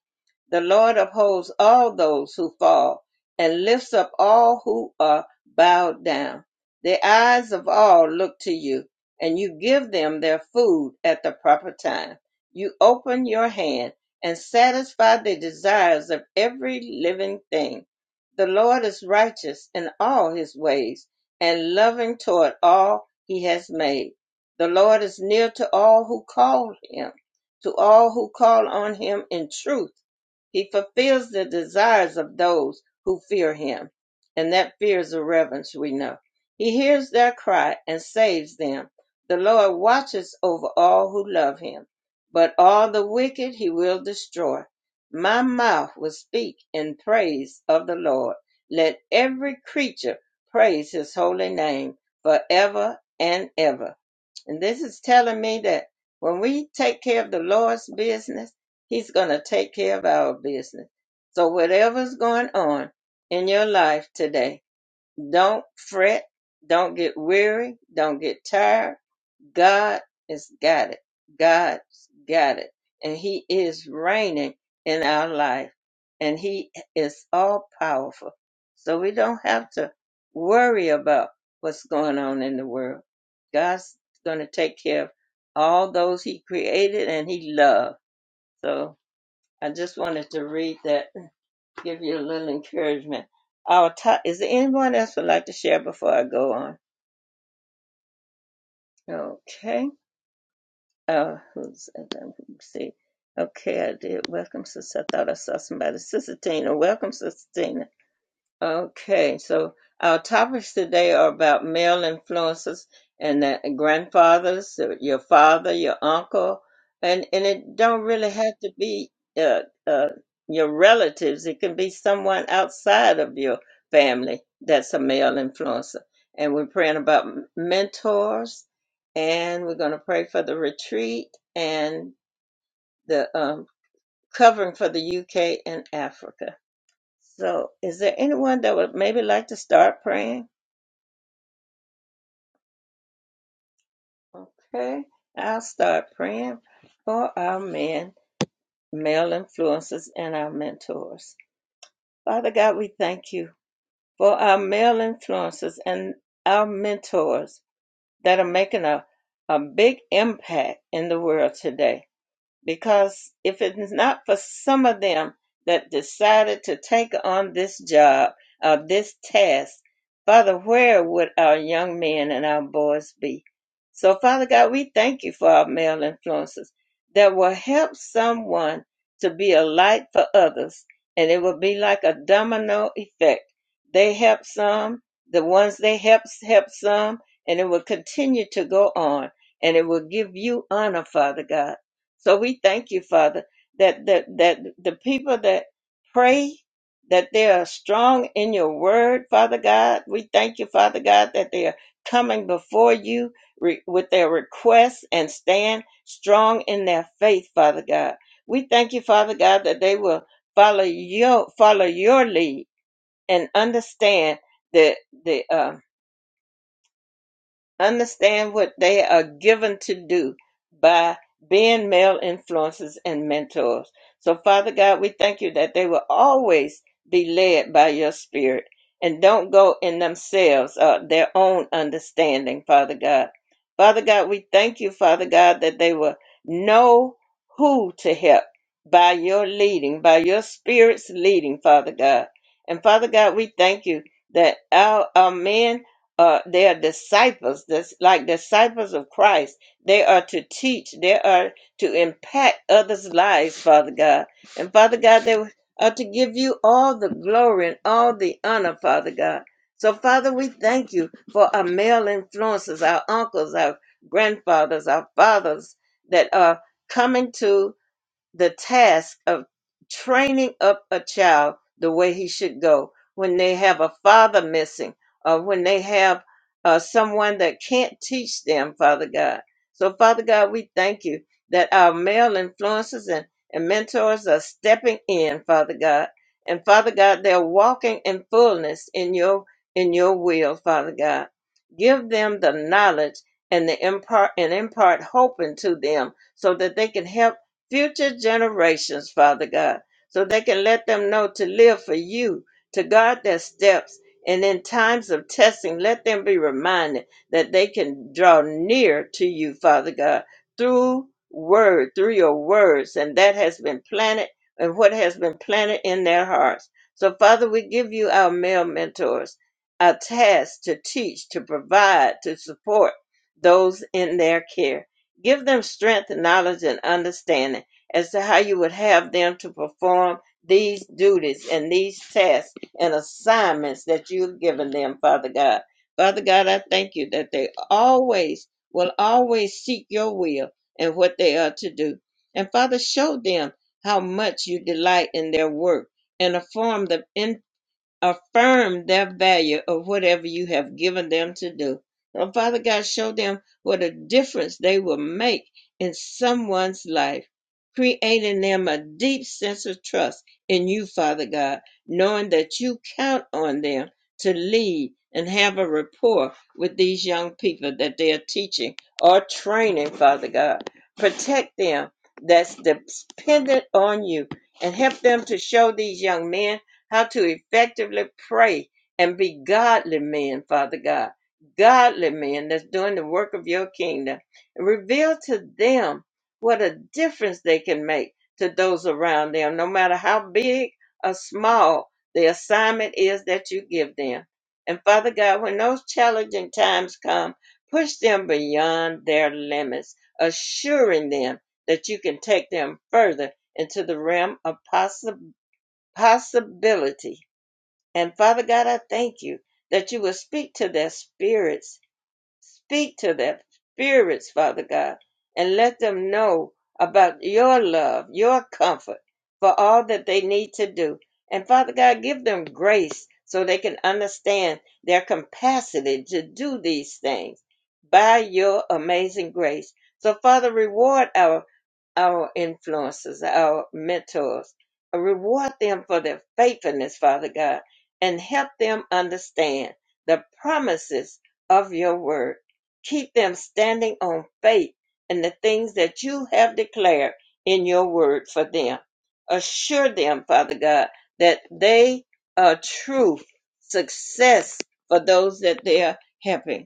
A: The Lord upholds all those who fall and lifts up all who are bowed down. The eyes of all look to you, and you give them their food at the proper time. You open your hand and satisfy the desires of every living thing. The Lord is righteous in all his ways and loving toward all he has made. The Lord is near to all who call him to all who call on him in truth. He fulfills the desires of those who fear him. And that fear is a reverence we know. He hears their cry and saves them. The Lord watches over all who love him, but all the wicked he will destroy. My mouth will speak in praise of the Lord. Let every creature praise his holy name forever and ever. And this is telling me that when we take care of the Lord's business, He's going to take care of our business. So, whatever's going on in your life today, don't fret, don't get weary, don't get tired. God has got it. God's got it. And He is reigning in our life. And He is all powerful. So we don't have to worry about what's going on in the world. God's going to take care of all those He created and He loved. So I just wanted to read that, give you a little encouragement. Our top, is there anyone else would like to share before I go on? Okay. Uh, who's and then we see? Okay, I did. Welcome, sister. I thought I saw somebody. Sister Tina, welcome, sister Tina. Okay, so our topics today are about male influences and that grandfathers, your father, your uncle, and and it don't really have to be uh, uh, your relatives. It can be someone outside of your family that's a male influencer. And we're praying about m- mentors, and we're going to pray for the retreat and the um, covering for the UK and Africa. So, is there anyone that would maybe like to start praying? Okay, I'll start praying for our men, male influences, and our mentors. Father God, we thank you for our male influences and our mentors that are making a, a big impact in the world today. because if it's not for some of them that decided to take on this job, uh, this task, Father, where would our young men and our boys be? So, Father God, we thank you for our male influences that will help someone to be a light for others, and it will be like a domino effect. They help some, the ones they help help some, and it will continue to go on, and it will give you honor, Father God. So we thank you, Father, that that that the people that pray that they are strong in your word, Father God. We thank you, Father God, that they are coming before you re- with their requests and stand strong in their faith, Father God. We thank you, Father God, that they will follow your follow your lead and understand the the um. Understand what they are given to do by being male influences and mentors. So, Father God, we thank you that they will always be led by your spirit and don't go in themselves or their own understanding, Father God. Father God, we thank you, Father God, that they will know who to help by your leading, by your spirit's leading, Father God. And Father God, we thank you that our, our men uh, they are disciples, this, like disciples of Christ. They are to teach, they are to impact others' lives, Father God. And Father God, they are to give you all the glory and all the honor, Father God. So, Father, we thank you for our male influences, our uncles, our grandfathers, our fathers that are coming to the task of training up a child the way he should go when they have a father missing or when they have uh, someone that can't teach them, Father God. So, Father God, we thank you that our male influences and, and mentors are stepping in, Father God. And Father God, they're walking in fullness in your in your will, Father God. Give them the knowledge and the impart and impart hope into them so that they can help future generations, Father God, so they can let them know to live for you, to guard their steps. And in times of testing, let them be reminded that they can draw near to you, Father God, through word, through your words. And that has been planted and what has been planted in their hearts. So, Father, we give you our male mentors a task to teach, to provide, to support those in their care. Give them strength, knowledge, and understanding as to how you would have them to perform these duties and these tasks and assignments that you've given them, Father God. Father God, I thank you that they always will always seek your will and what they are to do. And Father, show them how much you delight in their work and inform them affirm their value of whatever you have given them to do. And Father God, show them what a difference they will make in someone's life, creating them a deep sense of trust in you, Father God, knowing that you count on them to lead and have a rapport with these young people that they are teaching or training, Father God. Protect them that's dependent on you and help them to show these young men how to effectively pray and be godly men, Father God. Godly men that's doing the work of your kingdom. And reveal to them what a difference they can make to those around them, no matter how big or small the assignment is that you give them. And Father God, when those challenging times come, push them beyond their limits, assuring them that you can take them further into the realm of possibility possibility. And Father God, I thank you that you will speak to their spirits, speak to their spirits, Father God, and let them know about your love, your comfort for all that they need to do. And Father God, give them grace so they can understand their capacity to do these things by your amazing grace. So, Father, reward our our influences, our mentors. Reward them for their faithfulness, Father God, and help them understand the promises of your word. Keep them standing on faith and the things that you have declared in your word for them. Assure them, Father God, that they are true success for those that they are helping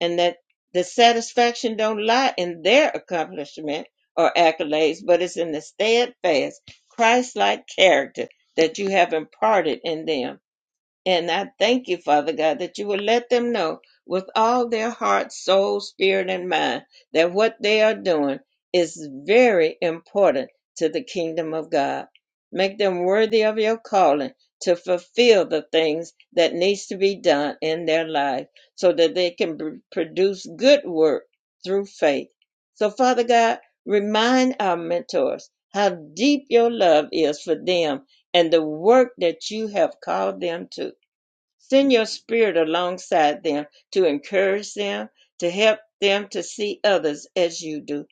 A: and that the satisfaction don't lie in their accomplishment or accolades, but it's in the steadfast, Christ-like character that you have imparted in them. And I thank you, Father God, that you will let them know with all their heart, soul, spirit, and mind that what they are doing is very important to the kingdom of God. Make them worthy of your calling to fulfill the things that needs to be done in their life so that they can pr- produce good work through faith. So Father God, remind our mentors how deep your love is for them and the work that you have called them to. Send your spirit alongside them to encourage them, to help them to see others as you do.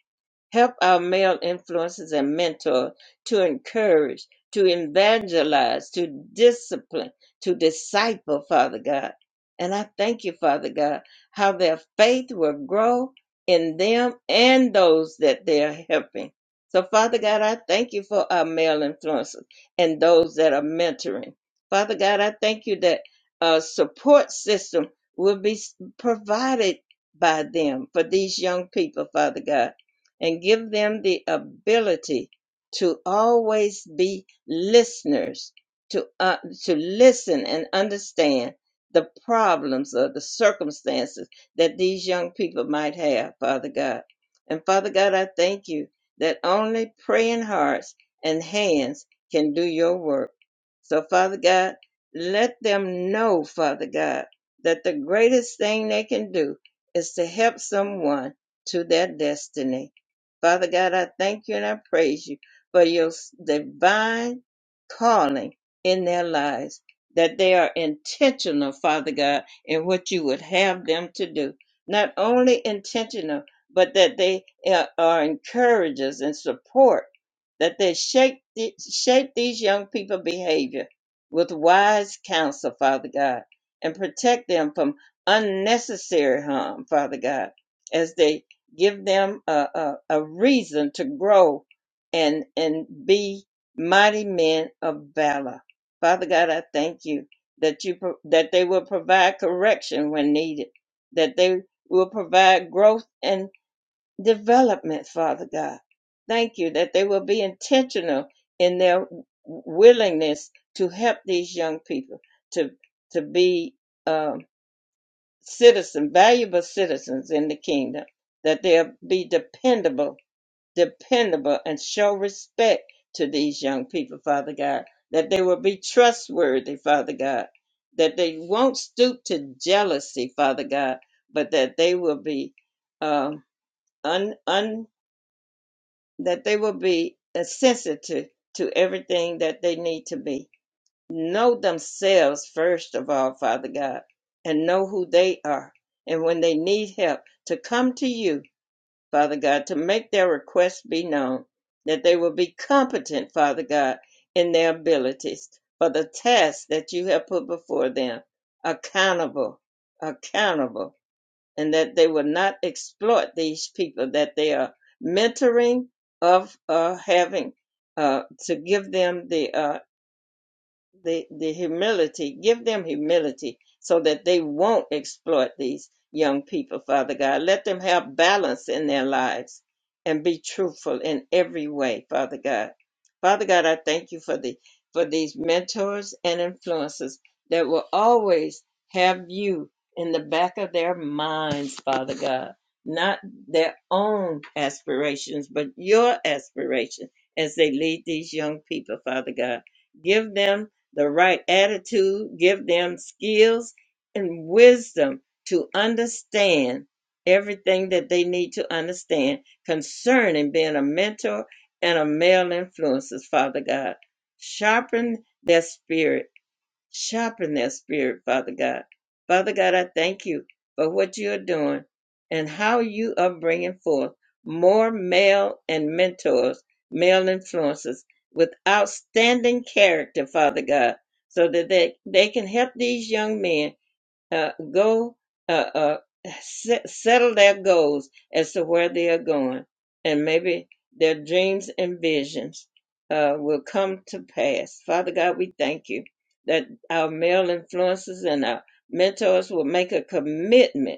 A: Help our male influences and mentors to encourage, to evangelize, to discipline, to disciple, Father God. And I thank you, Father God, how their faith will grow in them and those that they're helping. So, Father God, I thank you for our male influences and those that are mentoring. Father God, I thank you that a support system will be s- provided by them for these young people, Father God and give them the ability to always be listeners to uh, to listen and understand the problems or the circumstances that these young people might have father god and father god i thank you that only praying hearts and hands can do your work so, Father God, let them know, Father God, that the greatest thing they can do is to help someone to their destiny. Father God, I thank you and I praise you for your divine calling in their lives, that they are intentional, Father God, in what you would have them to do. Not only intentional, but that they are are encouragers and support that they shape, the- shape these young people's behavior with wise counsel, Father God, and protect them from unnecessary harm, Father God, as they give them a, a, a reason to grow and, and be mighty men of valor. Father God, I thank you that you pro- that they will provide correction when needed, that they will provide growth development, Father God. Thank you that they will be intentional in their willingness to help these young people to to be um, citizen, valuable citizens in the kingdom. That they'll be dependable, dependable, and show respect to these young people, Father God. That they will be trustworthy, Father God. That they won't stoop to jealousy, Father God, but that they will be um, un un that they will be uh, sensitive to everything that they need to be. Know themselves first of all, Father God, and know who they are. And when they need help, to come to you, Father God, to make their requests be known, that they will be competent, Father God, in their abilities for the tasks that you have put before them, accountable, accountable and that they will not exploit these people that they are mentoring of uh, having uh, to give them the uh, the the humility give them humility so that they won't exploit these young people father god let them have balance in their lives and be truthful in every way father god father god i thank you for the for these mentors and influences that will always have you in the back of their minds father god not their own aspirations but your aspiration as they lead these young people father god give them the right attitude, give them skills and wisdom to understand everything that they need to understand concerning being a mentor and a male influencer, Father God. Sharpen their spirit Sharpen their spirit, Father God. Father God, I thank you for what you are doing and how you are bringing forth more male and mentors, male influences with outstanding character, Father God, so that they, they can help these young men uh, go uh, uh, set, settle their goals as to where they are going, and maybe their dreams and visions uh, will come to pass. Father God, we thank you that our male influences and our mentors will make a commitment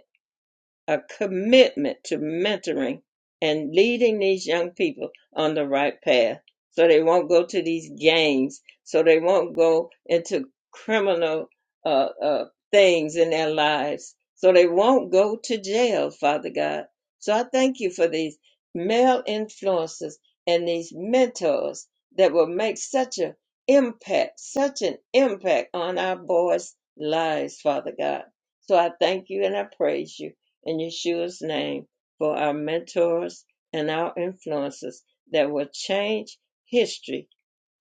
A: a commitment to mentoring and leading these young people on the right path so they won't go to these gangs, so they won't go into criminal uh, uh, things in their lives, so they won't go to jail, Father God. So I thank you for these male influences and these mentors that will make such an impact, such an impact on our boys' lives, Father God. So I thank you and I praise you in Yeshua's name for our mentors and our influences that will change history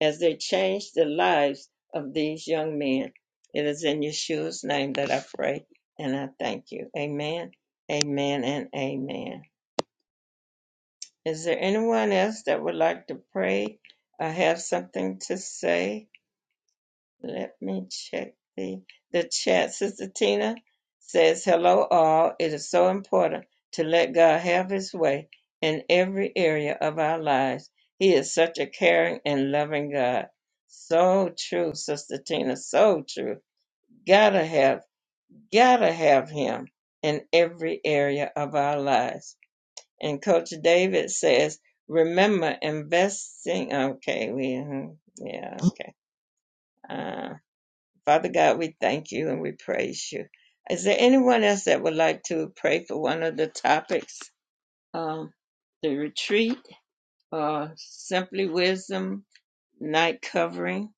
A: as they change the lives of these young men. It is in Yeshua's name that I pray and I thank you. Amen, amen, and amen. Is there anyone else that would like to pray or have something to say? Let me check the the chat. Sister Tina says, "Hello, all. It is so important to let God have His way in every area of our lives. He is such a caring and loving God." So true, Sister Tina. So true. Gotta have, gotta have Him in every area of our lives. And Coach David says, "Remember investing." Okay, we, mhm, yeah, okay. Uh, Father God, we thank you and we praise you. Is there anyone else that would like to pray for one of the topics? Um, the retreat or simply wisdom night covering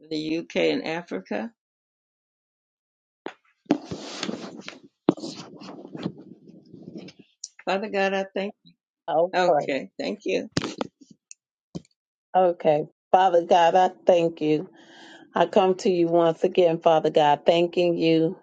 A: the UK and Africa. Father God, I thank you.
D: Okay.
A: Okay, thank you.
D: Okay. Father God, I thank you. I come to you once again, Father God, thanking you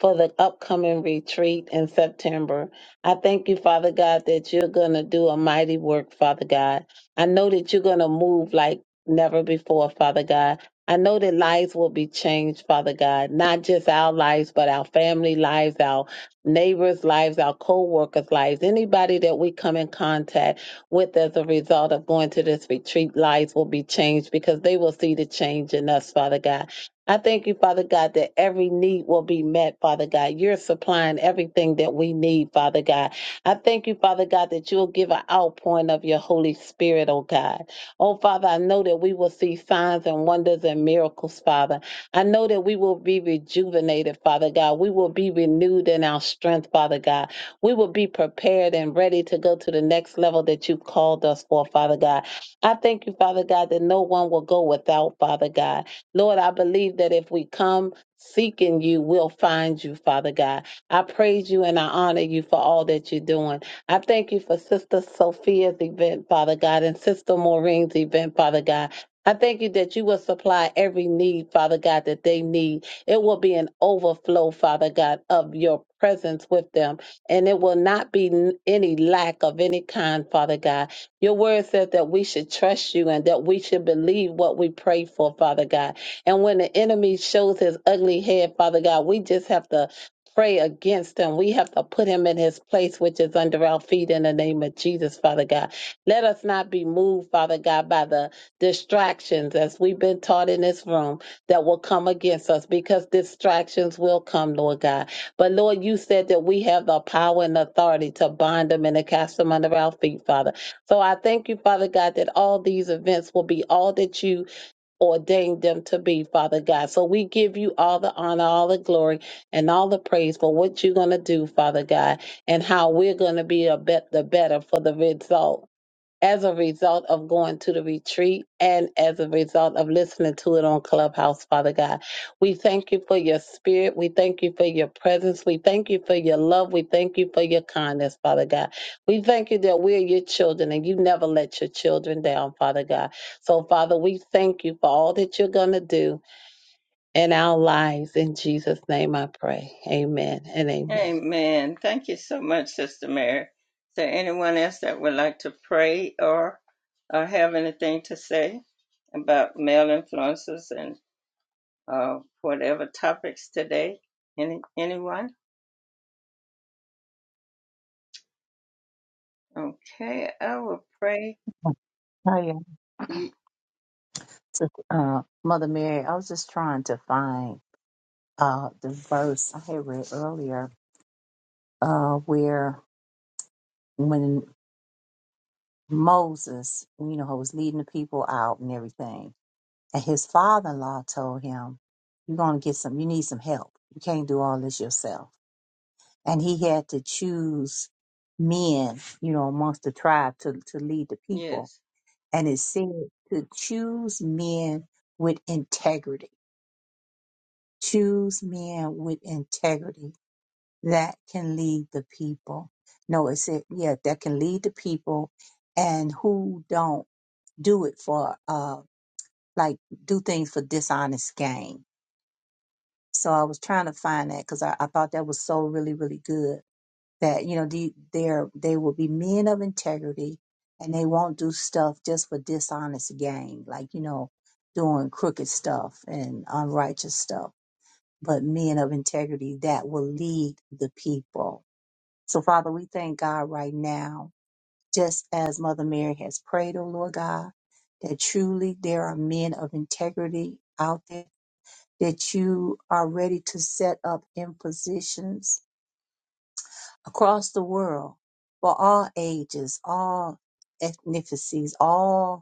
D: for the upcoming retreat in September. I thank you, Father God, that you're going to do a mighty work, Father God. I know that you're going to move like never before, Father God. I know that lives will be changed, Father God, not just our lives, but our family lives, our neighbors' lives, our co workers' lives, anybody that we come in contact with as a result of going to this retreat, lives will be changed because they will see the change in us, Father God. I thank you, Father God, that every need will be met, Father God. You're supplying everything that we need, Father God. I thank you, Father God, that you'll give an outpouring of your Holy Spirit, oh God. Oh, Father, I know that we will see signs and wonders and miracles, Father. I know that we will be rejuvenated, Father God. We will be renewed in our strength, Father God. We will be prepared and ready to go to the next level that you've called us for, Father God. I thank you, Father God, that no one will go without, Father God. Lord, I believe that if we come seeking you, we'll find you, Father God. I praise you and I honor you for all that you're doing. I thank you for Sister Sophia's event, Father God, and Sister Maureen's event, Father God. I thank you that you will supply every need, Father God, that they need. It will be an overflow, Father God, of your presence with them. And it will not be n- any lack of any kind, Father God. Your word says that we should trust you and that we should believe what we pray for, Father God. And when the enemy shows his ugly head, Father God, we just have to pray against him. We have to put him in his place, which is under our feet in the name of Jesus, Father God. Let us not be moved, Father God, by the distractions as we've been taught in this room that will come against us because distractions will come, Lord God. But Lord, you said that we have the power and authority to bind them and to cast them under our feet, Father. So I thank you, Father God, that all these events will be all that you ordained them to be, Father God. So we give you all the honor, all the glory, and all the praise for what you're going to do, Father God, and how we're going to be a bet the better for the result as a result of going to the retreat and as a result of listening to it on Clubhouse, Father God. We thank you for your spirit. We thank you for your presence. We thank you for your love. We thank you for your kindness, Father God. We thank you that we're your children and you never let your children down, Father God. So, Father, we thank you for all that you're going to do in our lives. In Jesus' name I pray. Amen and amen.
A: Amen. Thank you so much, Sister Mary. Is there anyone else that would like to pray or, or have anything to say about male influences and? uh, whatever topics today. Any anyone? Okay, I will pray. Ye-
C: to uh, Mother Mary, I was just trying to find uh, the verse I had read earlier uh, where when Moses, you know, was leading the people out and everything, and his father in law told him, You're going to get some, you need some help. You can't do all this yourself. And he had to choose men, you know, amongst the tribe to, to lead the people.
A: Yes.
C: And it said to choose men with integrity. Choose men with integrity that can lead the people. No, it said, Yeah, that can lead the people, and who don't do it for uh like do things for dishonest gain. So I was trying to find that because I, I thought that was so really really good that you know the they're they will be men of integrity and they won't do stuff just for dishonest gain like you know doing crooked stuff and unrighteous stuff but men of integrity that will lead the people so, Father, we thank God right now, just as Mother Mary has prayed, oh Lord God, that truly there are men of integrity out there, that you are ready to set up in positions across the world for all ages, all ethnicities, all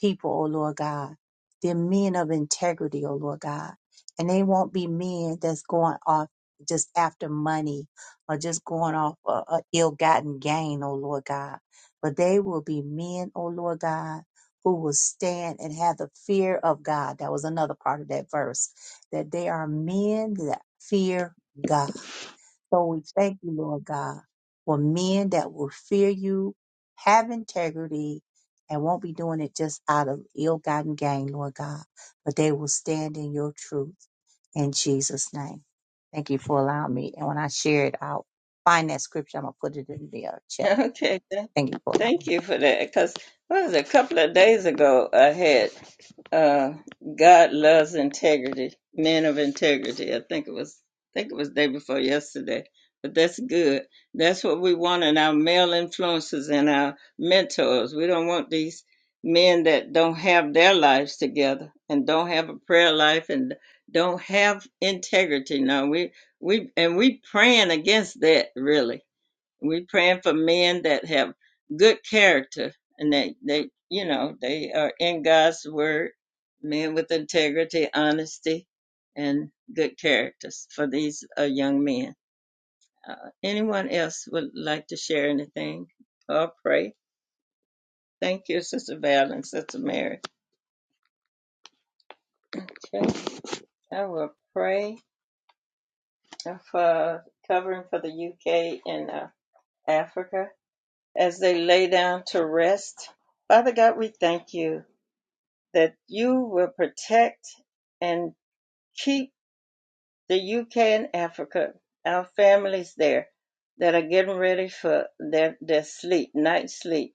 C: people, O Lord God. They're men of integrity, O Lord God. And they won't be men that's going off just after money or just going off a, a ill-gotten gain, O Lord God. But they will be men, O Lord God, who will stand and have the fear of God. That was another part of that verse. That they are men that fear God. So we thank you, Lord God, for men that will fear you, have integrity, and won't be doing it just out of ill gotten gain, Lord God, but they will stand in your truth in Jesus' name. Thank you for allowing me. And when I share it, I'll find that scripture. I'm going to put it in the uh, chat.
A: Okay, th-
C: Thank you for allowing
A: thank
C: me.
A: you for that. Because what was it, a couple of days ago, I had uh, "God Loves Integrity," Men of Integrity. I think it was, I think it was day before yesterday. But that's good. That's what we want in our male influences and our mentors. We don't want these men that don't have their lives together and don't have a prayer life and don't have integrity. No, we we and we praying against that really we're praying for men that have good character and they, they, you know, they are in God's word, men with integrity, honesty, and good characters for these uh, young men. Uh, anyone else would like to share anything or pray? Thank you, Sister Val and Sister Mary. Okay. I will pray for covering for the UK and uh, Africa as they lay down to rest. Father God, we thank you. that you will protect and keep the UK and Africa, our families there that are getting ready for their, their sleep, night sleep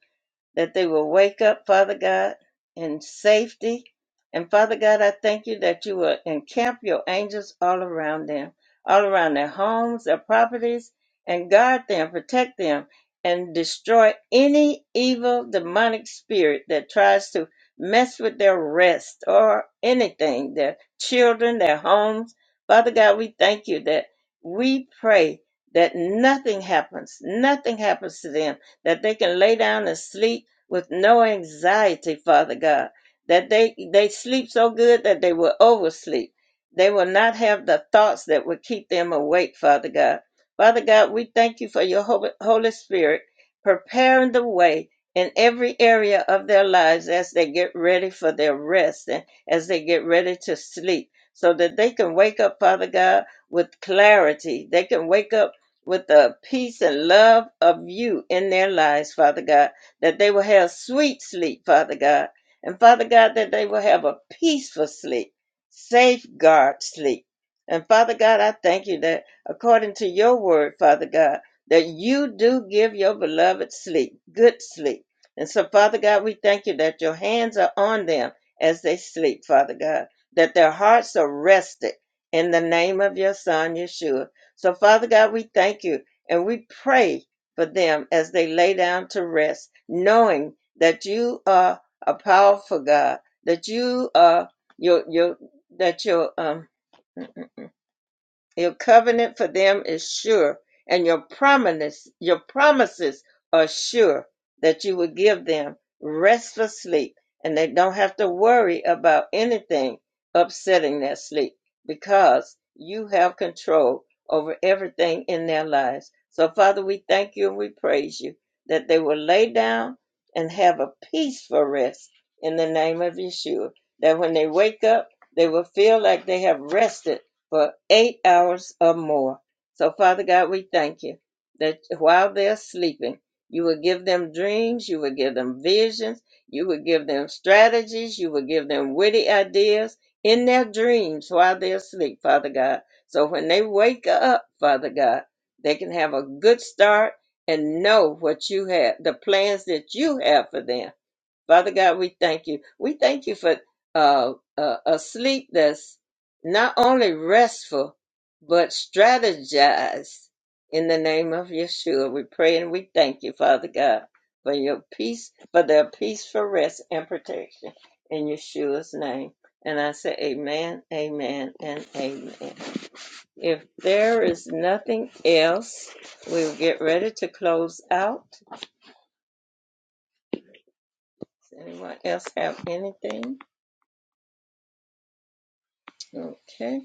A: that they will wake up, Father God, in safety. And Father God, I thank you that you will encamp your angels all around them, all around their homes, their properties, and guard them, protect them, and destroy any evil demonic spirit that tries to mess with their rest or anything, their children, their homes. Father God, we thank you that we pray that nothing happens, nothing happens to them, that they can lay down and sleep with no anxiety, Father God, that they, they sleep so good that they will oversleep. They will not have the thoughts that will keep them awake, Father God. Father God, we thank you for your Hol- Holy Spirit preparing the way in every area of their lives as they get ready for their rest and as they get ready to sleep so that they can wake up, Father God, with clarity. They can wake up with the peace and love of you in their lives, Father God that they will have sweet sleep, Father God. And Father God, that they will have a peaceful sleep, safeguard sleep. And Father God, I thank you that according to your word, Father God, that you do give your beloved sleep, good sleep. And so, Father God, we thank you that your hands are on them as they sleep, Father God, that their hearts are rested in the name of your Son, Yeshua. So, Father God, we thank you and we pray for them as they lay down to rest, knowing that you are a powerful God, that you are your your that your um your covenant for them is sure, and your promise, your promises are sure that you will give them restful sleep, and they don't have to worry about anything upsetting their sleep because you have control over everything in their lives. So, Father, we thank you and we praise you that they will lay down and have a peaceful rest in the name of Yeshua. That when they wake up, they will feel like they have rested for eight hours or more. So, Father God, we thank you that while they're sleeping, you will give them dreams, you will give them visions, you will give them strategies, you will give them witty ideas in their dreams while they're asleep, Father God. So when they wake up, Father God, they can have a good start and know what you have, the plans that you have for them Father God, we thank you. We thank you for uh, uh, a sleep that's not only restful, but strategized in the name of Yeshua. We pray and we thank you, Father God, for your peace, for their peaceful rest and protection in Yeshua's name. And I say, Amen, Amen, and Amen. If there is nothing else, we'll get ready to close out. Does anyone else have anything? Okay.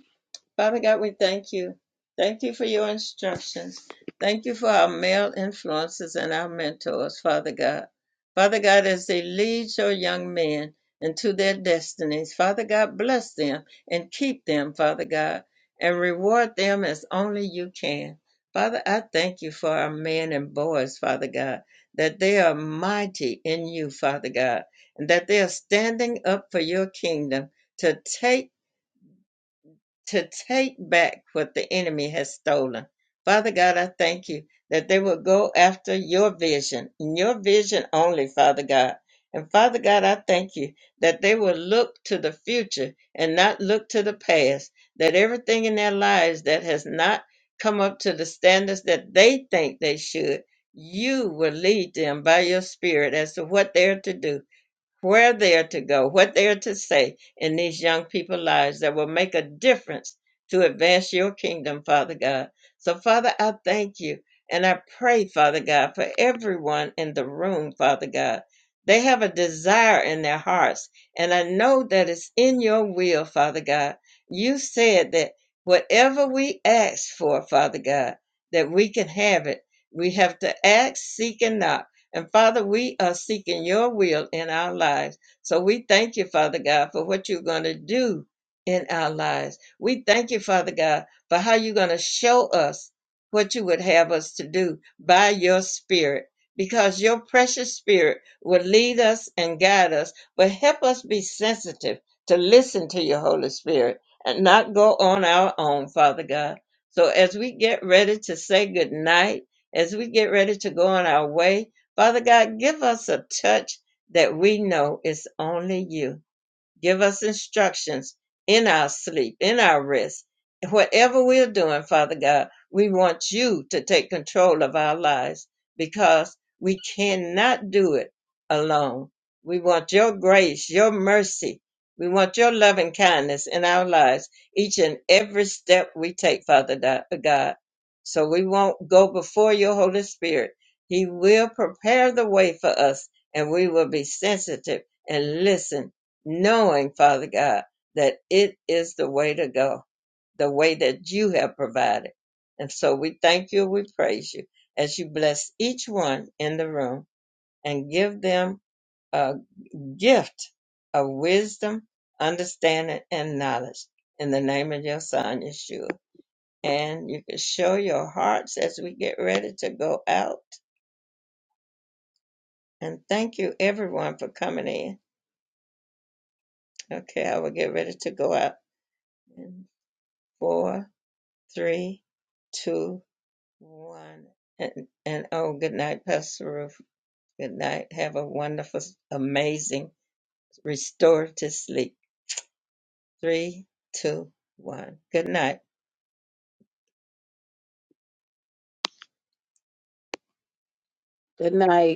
A: Father God, we thank you. Thank you for your instructions. Thank you for our male influences and our mentors, Father God. Father God, as they lead your young men into their destinies, Father God, bless them and keep them, Father God, and reward them as only you can. Father, I thank you for our men and boys, Father God, that they are mighty in you, Father God, and that they are standing up for your kingdom to take to take back what the enemy has stolen. Father God, I thank you that they will go after your vision, and your vision only, Father God. And Father God, I thank you that they will look to the future and not look to the past, that everything in their lives that has not come up to the standards that they think they should, you will lead them by your spirit as to what they're to do where they are to go, what they are to say in these young people's lives that will make a difference to advance your kingdom, Father God. So, Father, I thank you and I pray, Father God, for everyone in the room, Father God. They have a desire in their hearts, and I know that it's in your will, Father God. You said that whatever we ask for, Father God, that we can have it. We have to ask, seek, and knock and Father, we are seeking your will in our lives. So we thank you, Father God, for what you're going to do in our lives. We thank you, Father God, for how you're going to show us what you would have us to do by your spirit. Because your precious spirit will lead us and guide us, but help us be sensitive to listen to your Holy Spirit and not go on our own, Father God. So as we get ready to say good night, as we get ready to go on our way, Father God, give us a touch that we know is only you. Give us instructions in our sleep, in our rest. Whatever we're doing, Father God, we want you to take control of our lives because we cannot do it alone. We want your grace, your mercy. We want your loving kindness in our lives, each and every step we take, Father Di- God. So we won't go before your Holy Spirit. He will prepare the way for us, and we will be sensitive and listen knowing, Father God, that it is the way to go, the way that you have provided. And so we thank you, we praise you as you bless each one in the room and give them a gift of wisdom, understanding, and knowledge in the name of your son, Yeshua. And you can show your hearts as we get ready to go out. And thank you, everyone, for coming in. Okay, I will get ready to go out in four, three, two, one. And, and oh, good night, Pastor Ruth. Good night. Have a wonderful, amazing, restorative sleep. Three, two, one. Good night.
D: Good night.